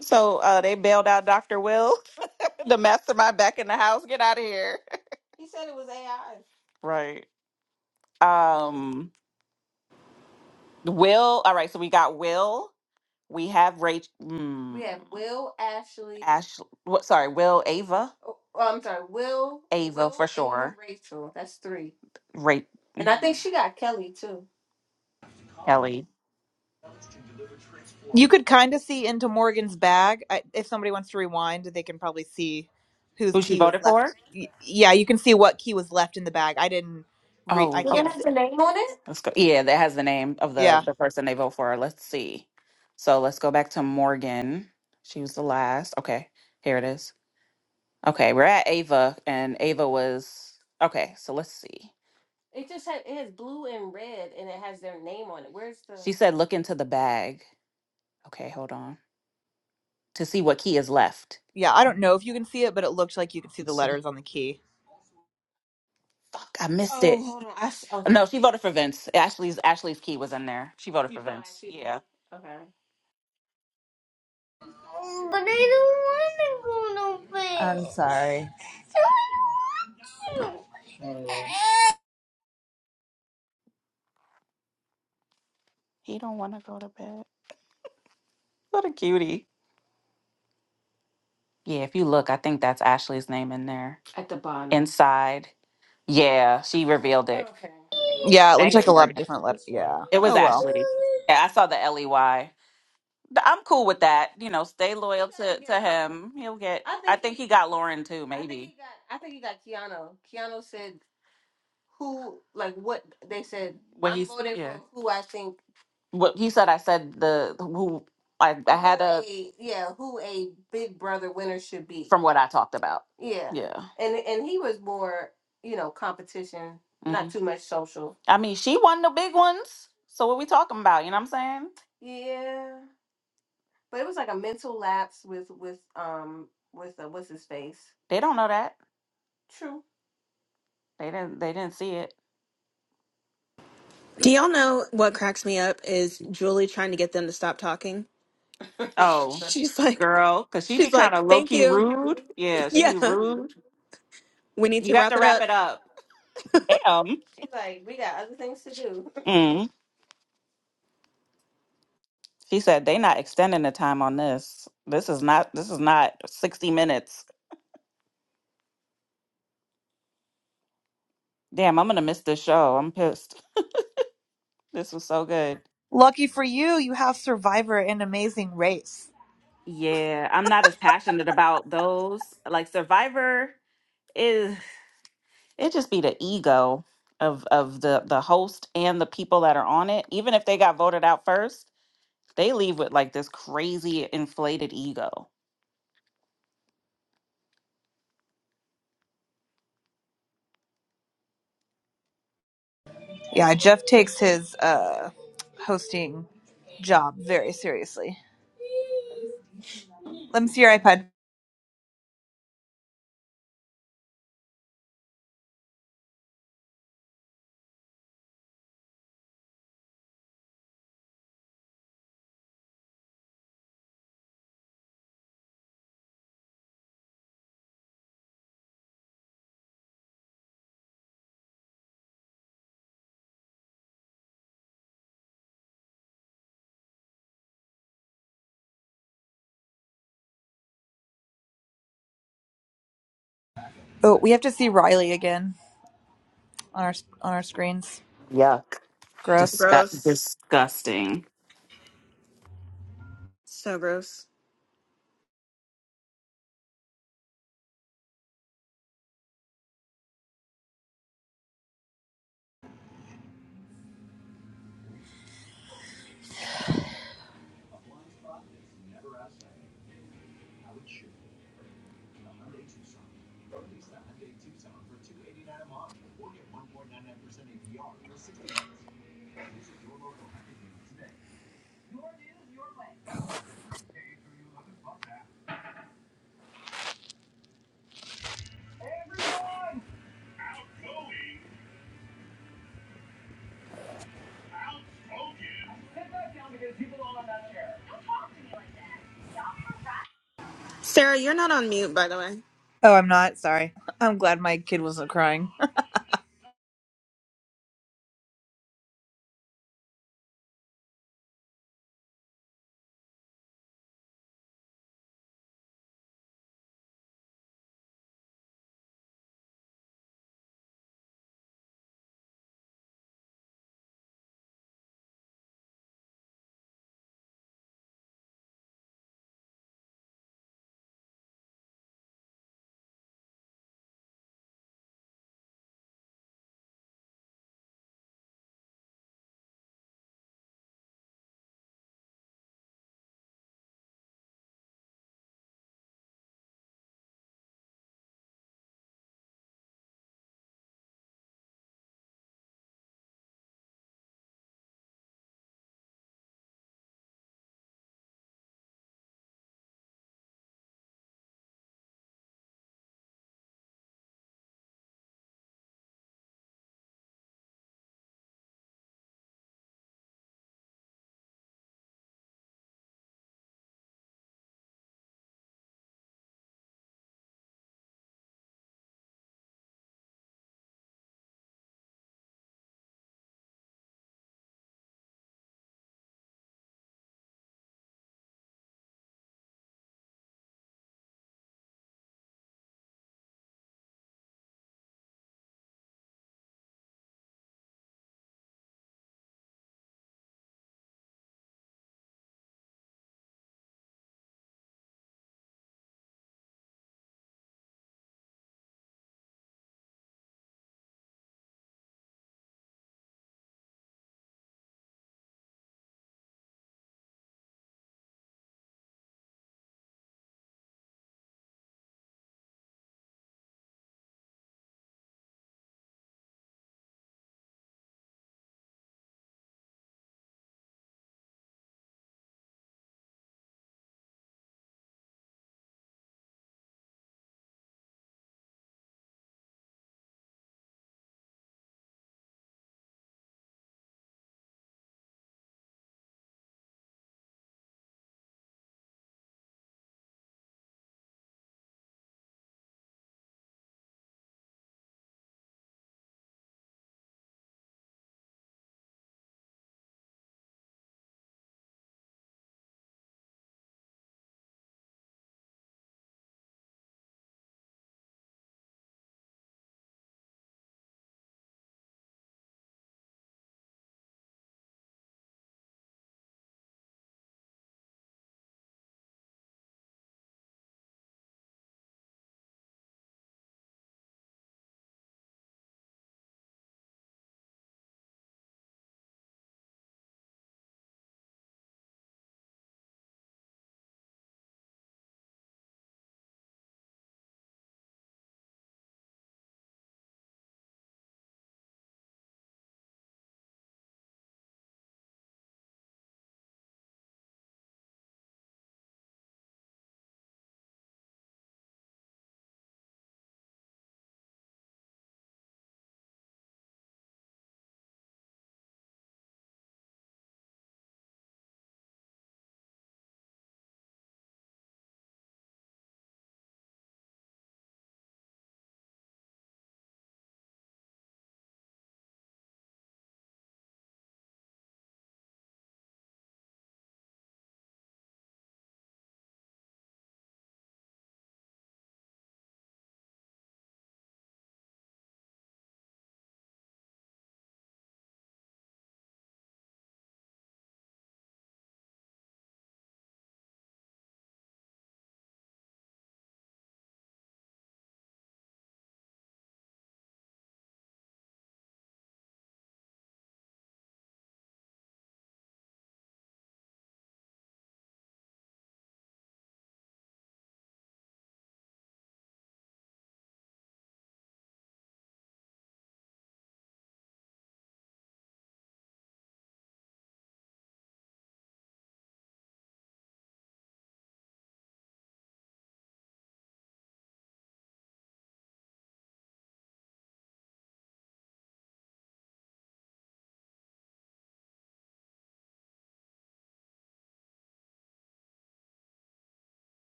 [SPEAKER 1] So uh, they bailed out Dr. Will, (laughs) the mastermind, back in the house. Get out of here. (laughs) He said it was AI. Right. Um. Will. All right. So we got Will. We have Rach, Mm, We mm, have Will Ashley. Ash, what, sorry, Will, Ava, Oh, oh, I'm sorry, Will, Ava for Will, Ava, sure. Rachel. That's three. Ra- And I think she got Kelly too. Kelly,
[SPEAKER 2] You could kind of see into Morgan's bag. I, if somebody wants to rewind, they can probably see whose
[SPEAKER 1] who she
[SPEAKER 2] key was
[SPEAKER 1] voted for?
[SPEAKER 2] left. Y- Yeah, you can see what key was left in the bag. I didn't re. I
[SPEAKER 1] Oh, Does it
[SPEAKER 2] can't
[SPEAKER 1] okay.
[SPEAKER 2] see.
[SPEAKER 1] have the name on it? Let's go. Yeah, that has the name of the
[SPEAKER 2] Yeah,
[SPEAKER 1] the person they vote for. Let's see. So let's go back to Morgan. She was the last. Okay, here it is. Okay, we're at Ava, and Ava was okay. So let's see. It just has it has blue and red, and it has their name on it. Where's the? She said, look into the bag. Okay, hold on. To see what key is left.
[SPEAKER 2] yeah. I don't know if you can see it, but it looked like you could see the
[SPEAKER 1] Let's see.
[SPEAKER 2] letters on the key.
[SPEAKER 1] Fuck, I missed Oh, it. Oh, hold on. I s- okay. No, she voted for Vince. Ashley's Ashley's key was in there. She voted You for found Vince. she Yeah. okay.
[SPEAKER 2] But I don't want to go to bed. I'm sorry. So I don't want to.
[SPEAKER 1] He don't want to go to bed. What a cutie. Yeah, if you look, I think that's Ashley's name in there. At the bottom. Inside. Yeah, she revealed it. Okay.
[SPEAKER 2] Yeah, it looked
[SPEAKER 1] Thanks,
[SPEAKER 2] like a lot
[SPEAKER 1] Morgan.
[SPEAKER 2] of different letters. Yeah.
[SPEAKER 1] It was
[SPEAKER 2] Oh well.
[SPEAKER 1] Ashley.
[SPEAKER 2] (laughs)
[SPEAKER 1] Yeah, I saw the L E Y. Th- I'm cool with that. You know, stay loyal to, to him. He'll get. I think, I think think he got Lauren too. I think he Maybe he got. I think he got Keanu. Keanu said who, like what they said. what I'm he's voting yeah. for who I think What he said. I said the who. I, I had who a a yeah who a Big Brother winner should be. from what I talked about. Yeah, Yeah. and and he was more you know competition, hmm not too much social. I mean, she won the big ones. So what we talking about? You know what I'm saying? Yeah, but it was like a mental lapse with with um with uh, what's his face. They don't know that. True. They didn't. They didn't see it.
[SPEAKER 3] do y'all know? What cracks me up is Julie trying to get them to stop talking.
[SPEAKER 1] Oh,
[SPEAKER 3] She's
[SPEAKER 1] (laughs)
[SPEAKER 3] like,
[SPEAKER 1] girl, because she be
[SPEAKER 3] she's
[SPEAKER 1] kind
[SPEAKER 3] like,
[SPEAKER 1] of low
[SPEAKER 3] thank
[SPEAKER 1] key
[SPEAKER 3] you. (laughs)
[SPEAKER 1] rude. Yeah, she
[SPEAKER 3] Yeah,
[SPEAKER 1] be rude.
[SPEAKER 3] we need to
[SPEAKER 1] You have
[SPEAKER 3] wrap
[SPEAKER 1] to
[SPEAKER 3] it
[SPEAKER 1] wrap
[SPEAKER 3] up.
[SPEAKER 1] it up. Damn. She's like, we got other things to do. (laughs) Mm. She said they not extending the time on this. This is not. This is not sixty minutes. Damn, I'm gonna miss this show. I'm pissed. (laughs) This was so good.
[SPEAKER 2] Lucky for you, you have Survivor and Amazing Race.
[SPEAKER 1] Yeah, I'm not as passionate about those. Like Survivor is. it just be the ego of of the the host and the people that are on it even if they got voted out first they leave with like this crazy inflated ego
[SPEAKER 2] Yeah, Jeff takes his uh, hosting job very seriously. Let me see your iPad. Oh, we have to see Riley again on our on our screens.
[SPEAKER 1] Yuck.
[SPEAKER 2] Gross.
[SPEAKER 1] just that
[SPEAKER 3] Gross.
[SPEAKER 1] disgusting
[SPEAKER 3] So gross. Sarah, you're not on mute, by the way.
[SPEAKER 2] Oh, I'm not sorry. I'm glad my kid wasn't crying.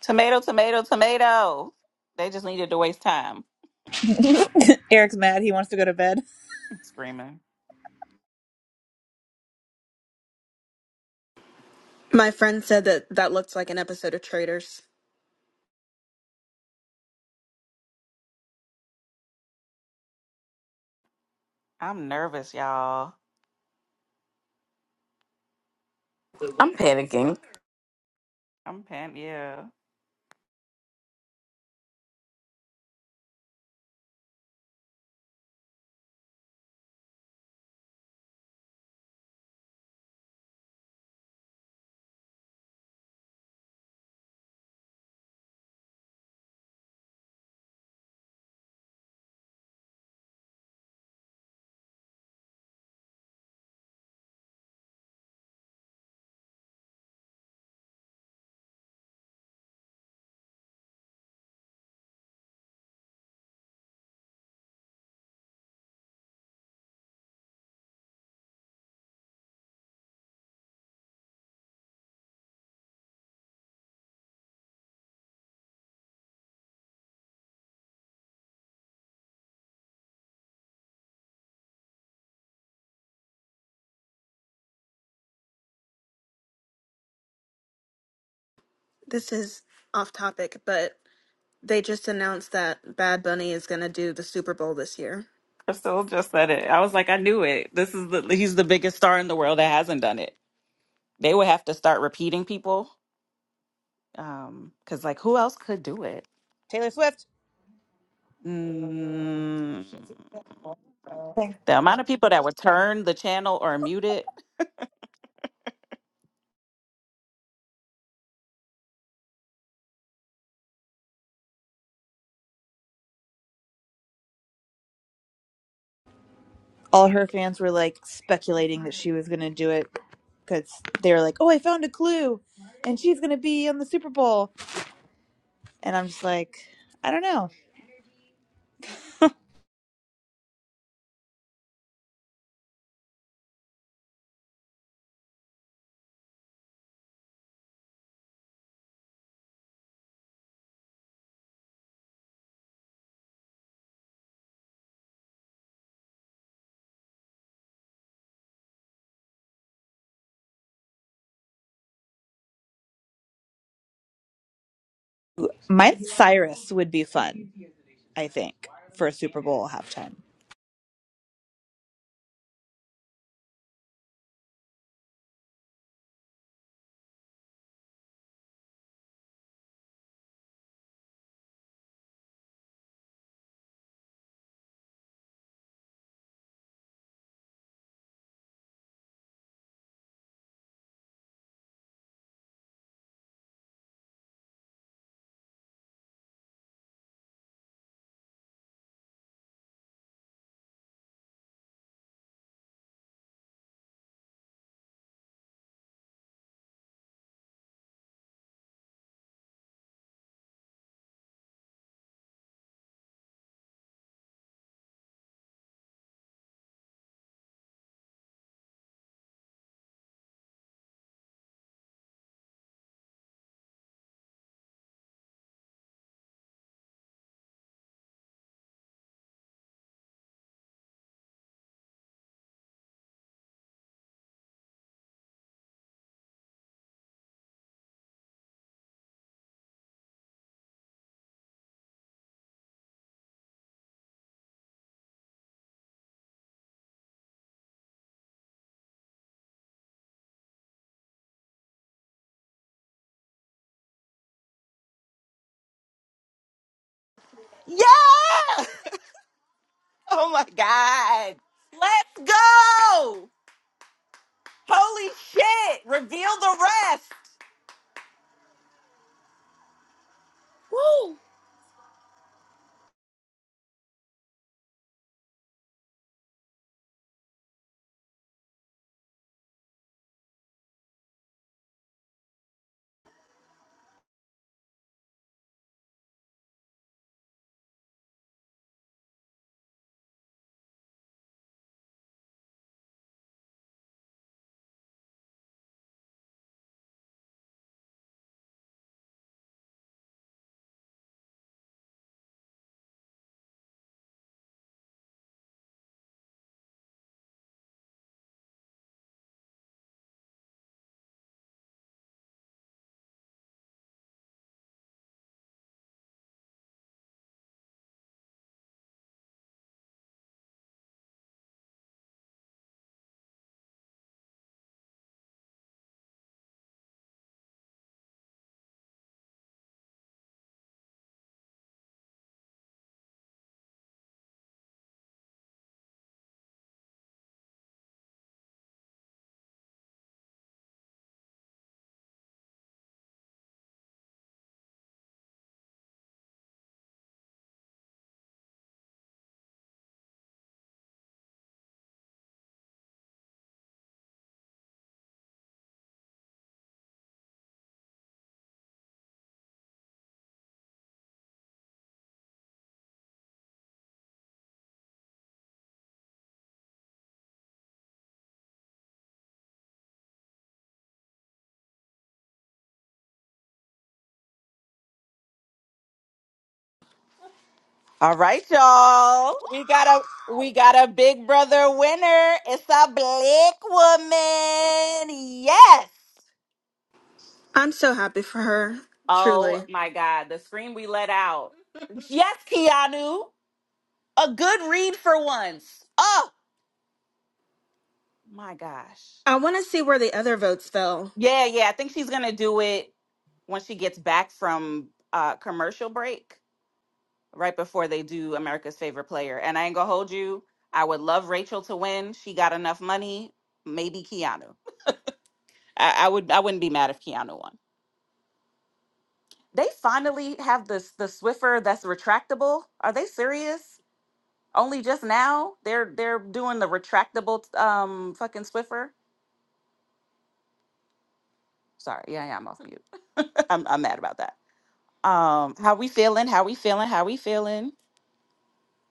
[SPEAKER 1] tomato tomato tomato they just needed to waste time
[SPEAKER 2] (laughs) Eric's mad. He wants to go to bed.
[SPEAKER 1] I'm screaming
[SPEAKER 3] My friend said that that looked like an episode of Traders.
[SPEAKER 1] i'm nervous y'all
[SPEAKER 4] I'm panicking.
[SPEAKER 1] i'm pan yeah
[SPEAKER 3] This is off topic, but they just announced that Bad Bunny is going to do the Super Bowl this year.
[SPEAKER 1] Crystal just said it. I was like, I knew it. This is the he's the biggest star in the world that hasn't done it. They would have to start repeating people, um, because like who else could do it?
[SPEAKER 2] Taylor Swift.
[SPEAKER 1] Mm. The amount of people that would turn the channel or mute it.
[SPEAKER 2] All her fans were like speculating that she was gonna do it because they were like, "Oh, I found a clue, and she's gonna be on the Super Bowl." And I'm just like, I don't know. Miley Cyrus would be fun, I think, for a Super Bowl halftime.
[SPEAKER 1] Yeah! (laughs) Oh my God! Let's go! Holy shit! Reveal the rest. Woo! All right, y'all. We got a we got a big brother winner. It's a black woman. Yes.
[SPEAKER 3] I'm so happy for her,
[SPEAKER 1] Oh
[SPEAKER 3] truly.
[SPEAKER 1] my god, the scream we let out. Yes, Keanu. A good read for once. Oh my gosh.
[SPEAKER 3] I want to see where the other votes fell.
[SPEAKER 1] Yeah, yeah. I think she's gonna do it when she gets back from uh commercial break. right before they do America's favorite player. And I ain't gonna hold you. I would love Rachel to win. She got enough money. Maybe Keanu. I, I would. I wouldn't be mad if Keanu won. They finally have this the Swiffer that's retractable. Are they serious? Only just now they're they're doing the retractable um fucking Swiffer. Sorry, yeah, yeah, I'm off mute. (laughs) I'm I'm mad about that. Um, how we feeling? How we feeling? How we feeling?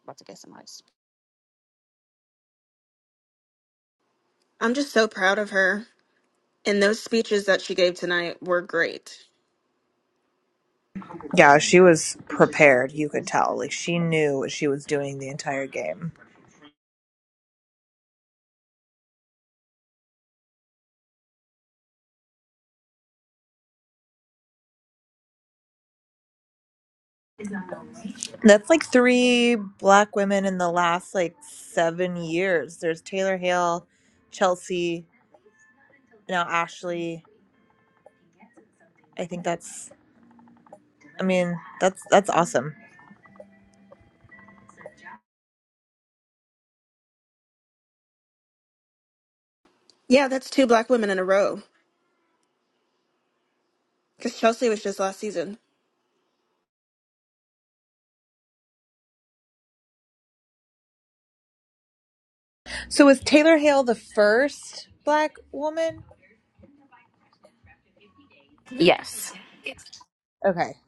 [SPEAKER 1] About to get some ice.
[SPEAKER 3] I'm just so proud of her. And those speeches that she gave tonight were great.
[SPEAKER 2] Yeah, she was prepared, you could tell. Like she knew what she was doing the entire game. That's like three black women in the last like seven years. There's Taylor Hale, Chelsea, now Ashley. I think that's I mean, that's that's awesome.
[SPEAKER 3] Yeah, that's two black women in a row. Because Chelsea was just last season.
[SPEAKER 2] So was Taylor Hale the first black woman?
[SPEAKER 4] Yes.
[SPEAKER 2] Okay.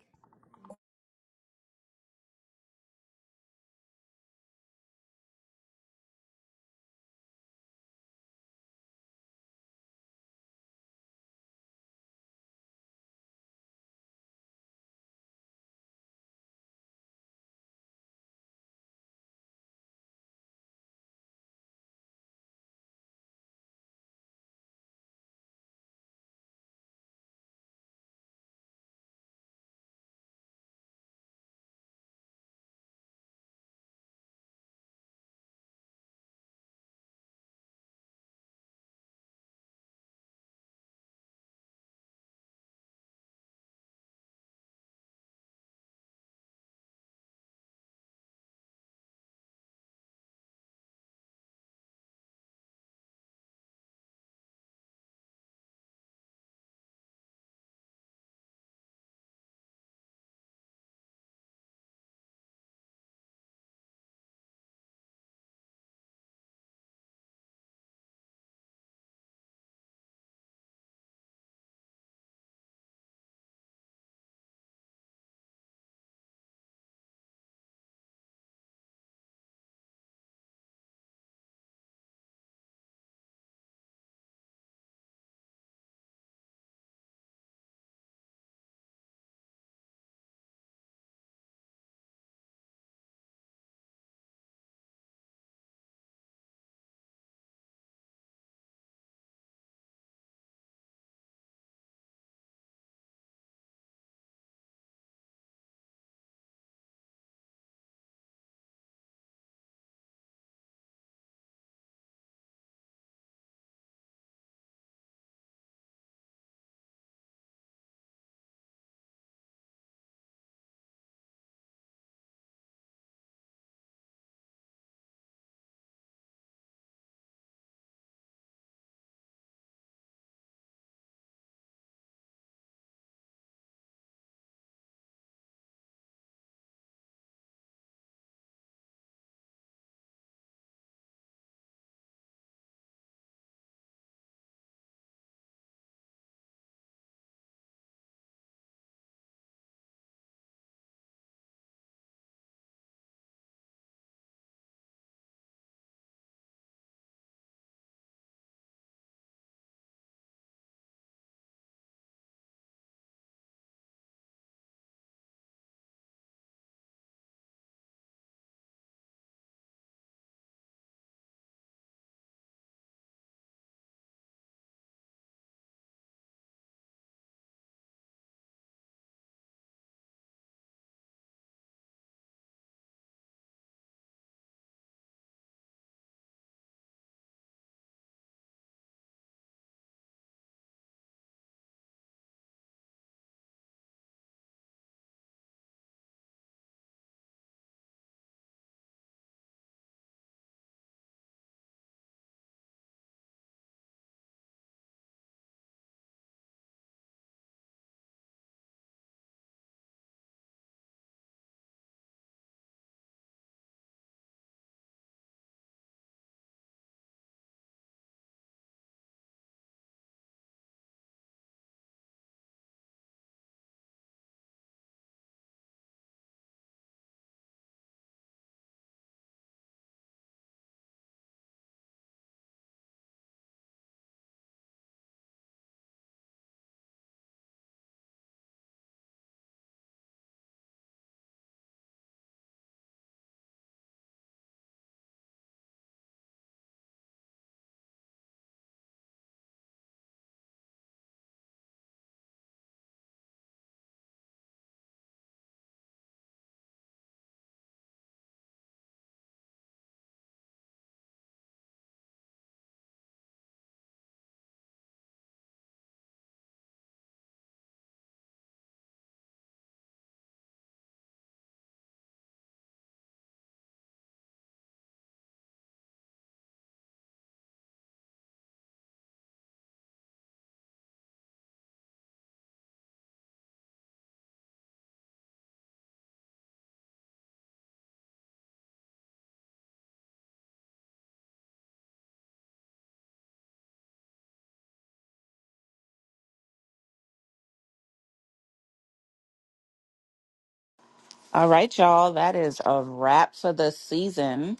[SPEAKER 1] All right, y'all. That is a wrap for the season.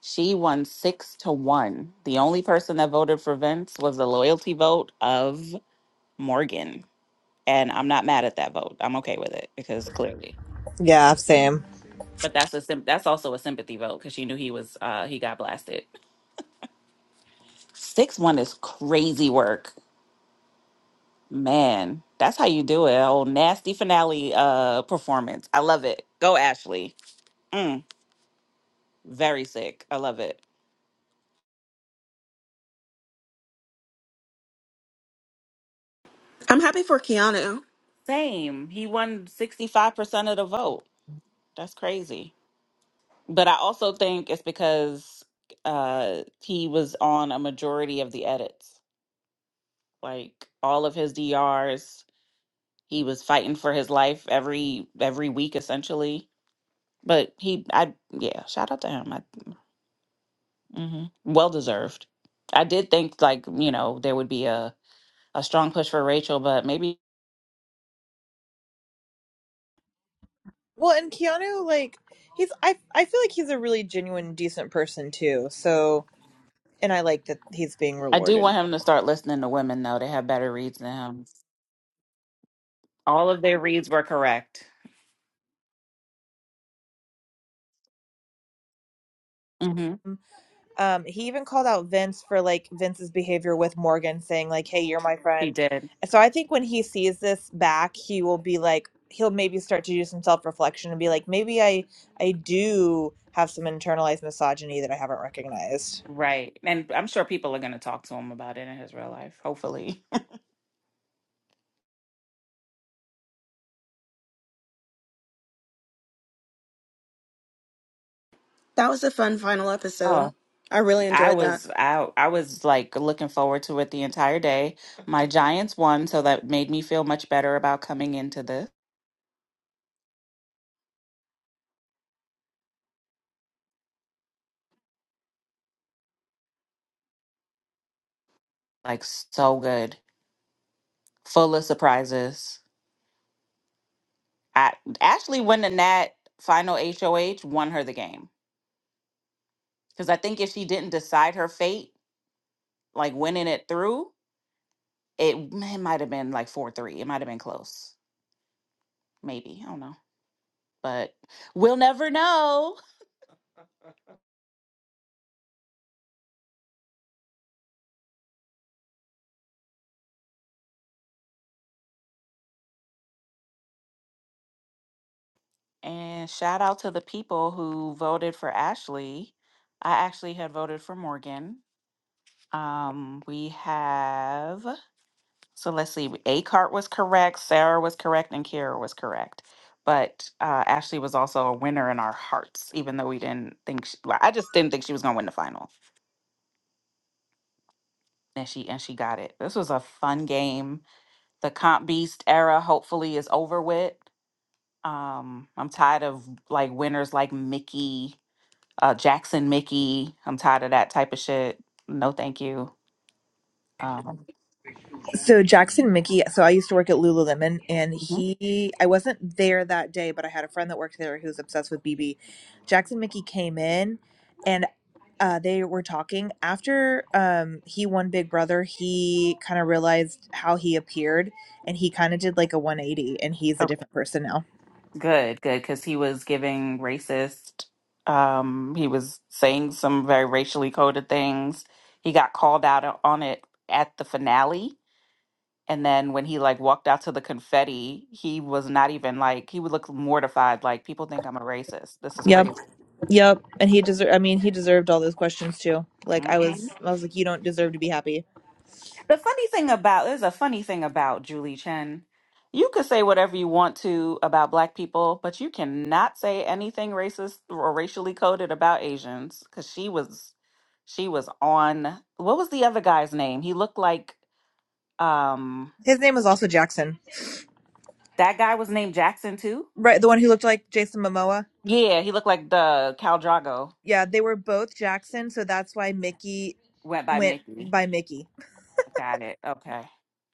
[SPEAKER 1] She won six to one. The only person that voted for Vince was the loyalty vote of Morgan, and I'm not mad at that vote. I'm okay with it because clearly,
[SPEAKER 2] Yeah, same.
[SPEAKER 1] but that's a symp- that's also a sympathy vote because she knew he was uh he got blasted. Six one is crazy work, man. That's how you do it. Oh, nasty finale uh performance. I love it. Go Ashley. Mm, very sick. I love it.
[SPEAKER 3] I'm happy for Keanu.
[SPEAKER 1] Same. He won sixty five percent of the vote. That's crazy. But I also think it's because uh he was on a majority of the edits. Like all of his DRs, he was fighting for his life every every week essentially. But he I yeah, shout out to him. I hmm well deserved. I did think like, you know, there would be a a strong push for Rachel, but maybe
[SPEAKER 2] Well, and Keanu, like, he's I I feel like he's a really genuine, decent person too. So, and I like that he's being
[SPEAKER 1] I do
[SPEAKER 2] rewarded.
[SPEAKER 1] want him to start listening to women though. They have better reads than him. All of their reads were correct. Mhm.
[SPEAKER 2] Um, he even called out Vince for like Vince's behavior with Morgan, saying like, "Hey, you're my
[SPEAKER 1] He
[SPEAKER 2] friend."
[SPEAKER 1] did.
[SPEAKER 2] So I think when he sees this back, he will be like, he'll maybe start to do some self reflection and be like, maybe I I do have some internalized misogyny that I haven't recognized.
[SPEAKER 1] Right. And I'm sure people are going to talk to him about it in his real life, hopefully. (laughs)
[SPEAKER 3] That was a fun final episode.
[SPEAKER 1] Oh,
[SPEAKER 3] I really
[SPEAKER 1] I
[SPEAKER 3] enjoyed that.
[SPEAKER 1] was I I was like looking forward to it the entire day. My Giants won, so that made me feel much better about coming into this. Like so good. Full of surprises. I actually when the Nat final HOH won her the game. Because I think if she didn't decide her fate, like winning it through, it, it might have been like 4 3. It might have been close. Maybe. I don't know. But we'll never know. And shout out to the people who voted for Ashley. I actually had voted for Morgan. Um, we have, so let's see, A cart was correct, Sarah was correct, and Kara was correct. But uh, Ashley was also a winner in our hearts, even though we didn't think, she, like, I just didn't think she was going to win the final. And she and she got it. This was a fun game. The comp beast era hopefully is over with. Um, I'm tired of like winners like Mickey uh, Jackson Mickey. I'm tired of that type of shit. No, thank you. Um,
[SPEAKER 2] So Jackson Mickey, so I used to work at Lululemon, and
[SPEAKER 1] Mhm.
[SPEAKER 2] he, I wasn't there that day, but I had a friend that worked there who's obsessed with BB. Jackson Mickey came in, and uh, they were talking after um, he won Big Brother. He kind of realized how he appeared, and he kind of did like a one eighty, and he's a
[SPEAKER 1] okay.
[SPEAKER 2] different person now.
[SPEAKER 1] Good, good, because he was giving racist. Um, he was saying some very racially coded things. He got called out on it at the finale, and then when he like walked out to the confetti, he was not even like he would look mortified. Like people think I'm a racist. This is
[SPEAKER 2] Yep.
[SPEAKER 1] crazy.
[SPEAKER 2] Yep. And he deserved I mean, he deserved all those questions too. Like I
[SPEAKER 1] Mm-hmm.
[SPEAKER 2] was I was like, you don't deserve to be happy.
[SPEAKER 1] The funny thing about there's a funny thing about Julie Chen. You could say whatever you want to about black people, but you cannot say anything racist or racially coded about Asians because she was she was on what was the other guy's name? He looked like um
[SPEAKER 2] His name was also Jackson.
[SPEAKER 1] that guy was named Jackson too.
[SPEAKER 2] Right, the one who looked like Jason Momoa.
[SPEAKER 1] Yeah, he looked like the Cal Drago
[SPEAKER 2] Yeah, they were both Jackson, so that's why Mickey
[SPEAKER 1] went by
[SPEAKER 2] went
[SPEAKER 1] Mickey.
[SPEAKER 2] by Mickey.
[SPEAKER 1] Got it. Okay.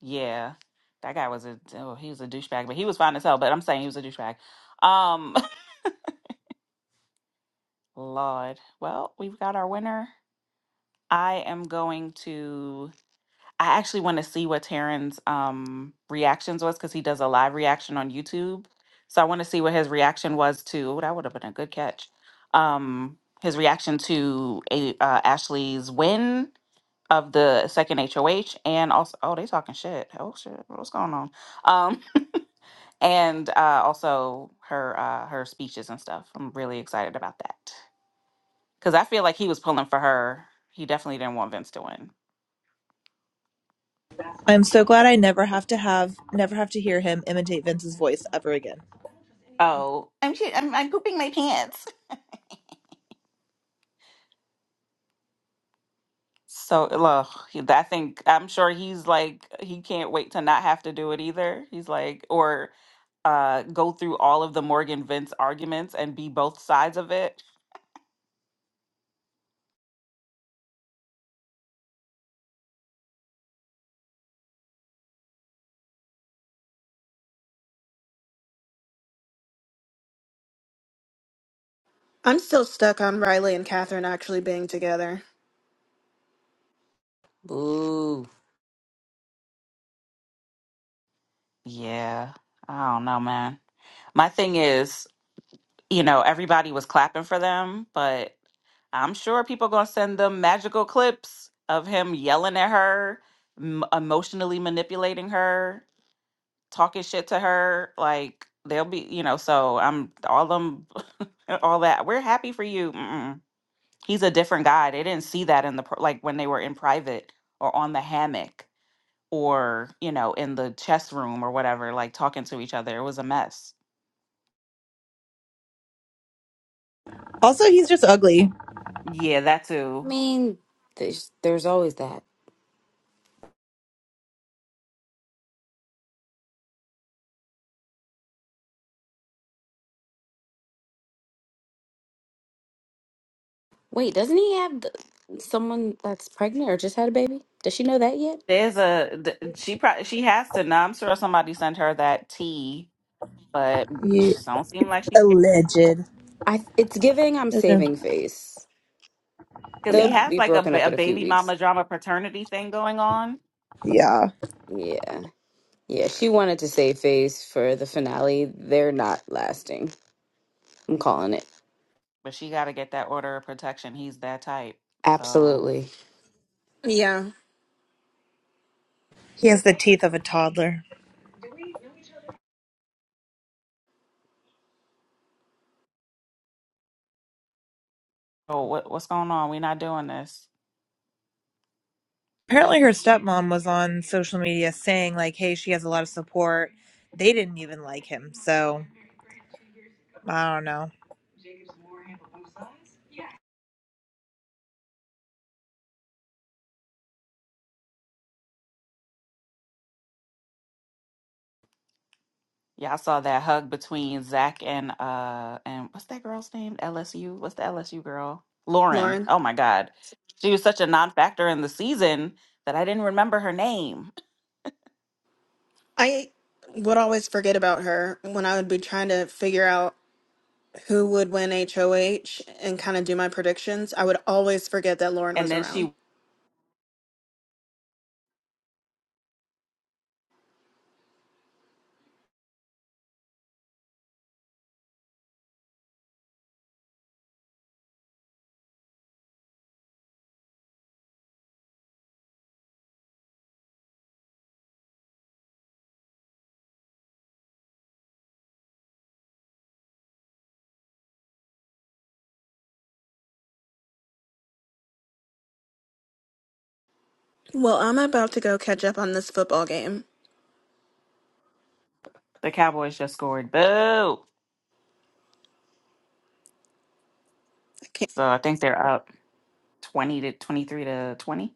[SPEAKER 1] Yeah. That guy was a oh, he was a douchebag, but he was fine as hell. But I'm saying he was a douchebag. Um (laughs) Lord. Well, we've got our winner. I am going to I actually want to see what Taryn's um reactions was because he does a live reaction on YouTube. So I want to see what his reaction was to that would have been a good catch. Um his reaction to a, uh, Ashley's win of the second HOH and also oh they talking shit. Oh shit, what's going on? Um and uh also her uh her speeches and stuff. I'm really excited about that. Because I feel like he was pulling for her. He definitely didn't want Vince to win.
[SPEAKER 2] I'm so glad I never have to have never have to hear him imitate Vince's voice ever again.
[SPEAKER 1] Oh, I'm shit. I'm, I'm pooping my pants. So, ugh, he- I think I'm sure he's like he can't wait to not have to do it either. He's like, or uh, go through all of the Morgan Vince arguments and be both sides of it.
[SPEAKER 3] I'm still stuck on Riley and Catherine actually being together.
[SPEAKER 4] Ooh.
[SPEAKER 1] Yeah. I don't know, man. My thing is, you know, everybody was clapping for them, but I'm sure people gonna send them magical clips of him yelling at her, m- emotionally manipulating her, talking shit to her. Like they'll be, you know. So I'm all them, (laughs) all that. We're happy for you. Mm-mm. He's a different guy. They didn't see that in the pro- like when they were in private or on the hammock or you know in the chess room or whatever like talking to each other it was a mess
[SPEAKER 2] Also, he's just ugly.
[SPEAKER 1] yeah that
[SPEAKER 4] I
[SPEAKER 1] too
[SPEAKER 4] mean, there's there's always that. Wait, doesn't he have the, someone that's pregnant or just had a baby? Does she know that yet?
[SPEAKER 1] there's a th- she probably she has to know i'm sure somebody sent her that tea but she
[SPEAKER 2] You
[SPEAKER 1] don't seem like she cares
[SPEAKER 2] alleged.
[SPEAKER 4] I it's giving. I'm
[SPEAKER 2] There's no-
[SPEAKER 4] saving face.
[SPEAKER 1] because
[SPEAKER 4] They'll
[SPEAKER 1] he
[SPEAKER 2] Yeah.
[SPEAKER 1] has
[SPEAKER 4] be
[SPEAKER 1] like a,
[SPEAKER 4] broken
[SPEAKER 1] ba-
[SPEAKER 4] up
[SPEAKER 1] a
[SPEAKER 4] in a few
[SPEAKER 1] baby
[SPEAKER 4] weeks.
[SPEAKER 1] mama drama paternity thing going on
[SPEAKER 2] Yeah.
[SPEAKER 4] Yeah. Yeah. She wanted to save face for the finale. They're not lasting. I'm calling it.
[SPEAKER 1] but she got to get that order of protection he's that type so
[SPEAKER 4] Absolutely.
[SPEAKER 3] Yeah,
[SPEAKER 2] He has the teeth of a toddler.
[SPEAKER 1] oh what, what's going on we are not doing this
[SPEAKER 2] Apparently, her stepmom was on social media saying, like, hey, she has a lot of support. They didn't even like him. So I don't know.
[SPEAKER 1] Yeah, I saw that hug between Zach and uh and what's that girl's name? LSU. What's the LSU girl? Lauren.
[SPEAKER 3] Lauren.
[SPEAKER 1] Oh my God. She was such a non-factor in the season that I didn't remember her name.
[SPEAKER 3] I would always forget about her when I would be trying to figure out who would win HOH and kind of do my predictions. I would always forget that Lauren
[SPEAKER 1] And
[SPEAKER 3] was
[SPEAKER 1] then
[SPEAKER 3] around.
[SPEAKER 1] she
[SPEAKER 3] Well, I'm about to go catch up on this football game.
[SPEAKER 1] the Cowboys just scored. Boo.
[SPEAKER 3] I can't.
[SPEAKER 1] So I think they're up 20 to 23 to 20.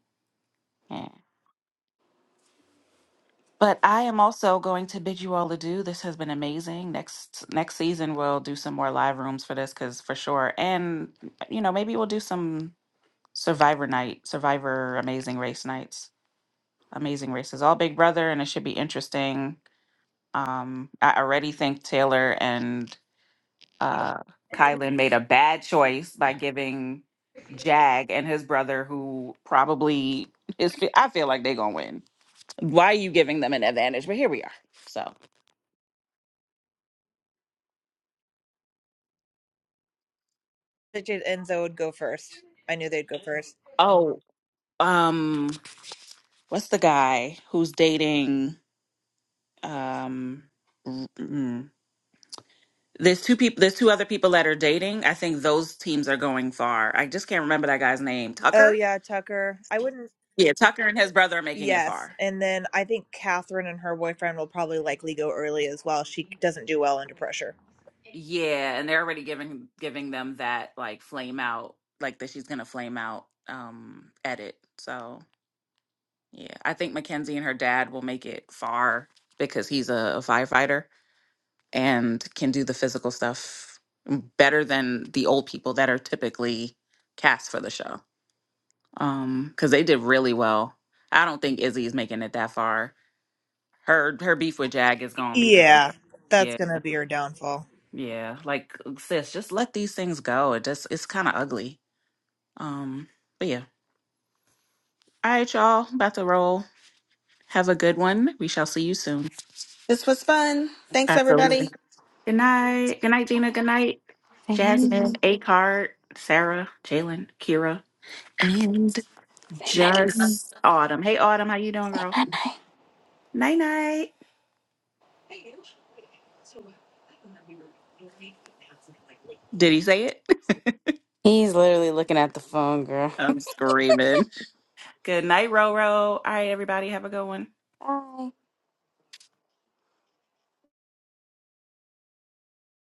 [SPEAKER 1] Yeah. But I am also going to bid you all adieu. This has been amazing. Next next season we'll do some more live rooms for this because for sure. And you know, maybe we'll do some Survivor night, Survivor Amazing Race nights. Amazing races. All Big Brother and it should be interesting. Um I already think Taylor and uh Kylan made a bad choice by giving Jag and his brother who probably is I feel like they're gonna win. Why are you giving them an advantage? But here we are. So
[SPEAKER 2] I figured Enzo would go first. I knew they'd go first.
[SPEAKER 1] Oh, um, what's the guy who's dating? Um, mm, mm. there's two people. There's two other people that are dating. I think those teams are going far. I just can't remember that guy's name.
[SPEAKER 2] Oh,
[SPEAKER 1] Tucker.
[SPEAKER 2] yeah, Tucker. I wouldn't.
[SPEAKER 1] Yeah, Tucker and his brother are making it
[SPEAKER 2] Yes.
[SPEAKER 1] far.
[SPEAKER 2] And then I think Catherine and her boyfriend will probably likely go early as well. She doesn't do well under pressure.
[SPEAKER 1] Yeah, and they're already giving giving them that like flame out, like that she's gonna flame out. Um, edit. So yeah, I think Mackenzie and her dad will make it far because he's a, a firefighter. and can do the physical stuff better than the old people that are typically cast for the show. Um, because they did really well. I don't think Izzy is making it that far. Her her beef with Jag is gonna be the death.
[SPEAKER 2] Yeah.
[SPEAKER 1] of-
[SPEAKER 2] That's
[SPEAKER 1] Yeah,
[SPEAKER 2] going to be her downfall.
[SPEAKER 1] yeah. Like sis, just let these things go. It just it's kind of ugly. Um, but yeah. All right, y'all. About to roll. Have a good one. We shall see you soon.
[SPEAKER 3] This was fun. Thanks,
[SPEAKER 1] Absolutely.
[SPEAKER 3] everybody.
[SPEAKER 1] Good night. Good night, Gina. Good night, Jasmine, A Card, Sarah, Jalen, Kira. And just Autumn. Hey Autumn, how you doing, girl? Night night. Did he say it?
[SPEAKER 4] He's literally looking at the phone, girl.
[SPEAKER 1] (laughs) I'm screaming. Good night, Roro. All right, everybody, have a good one.
[SPEAKER 4] (laughs) Bye.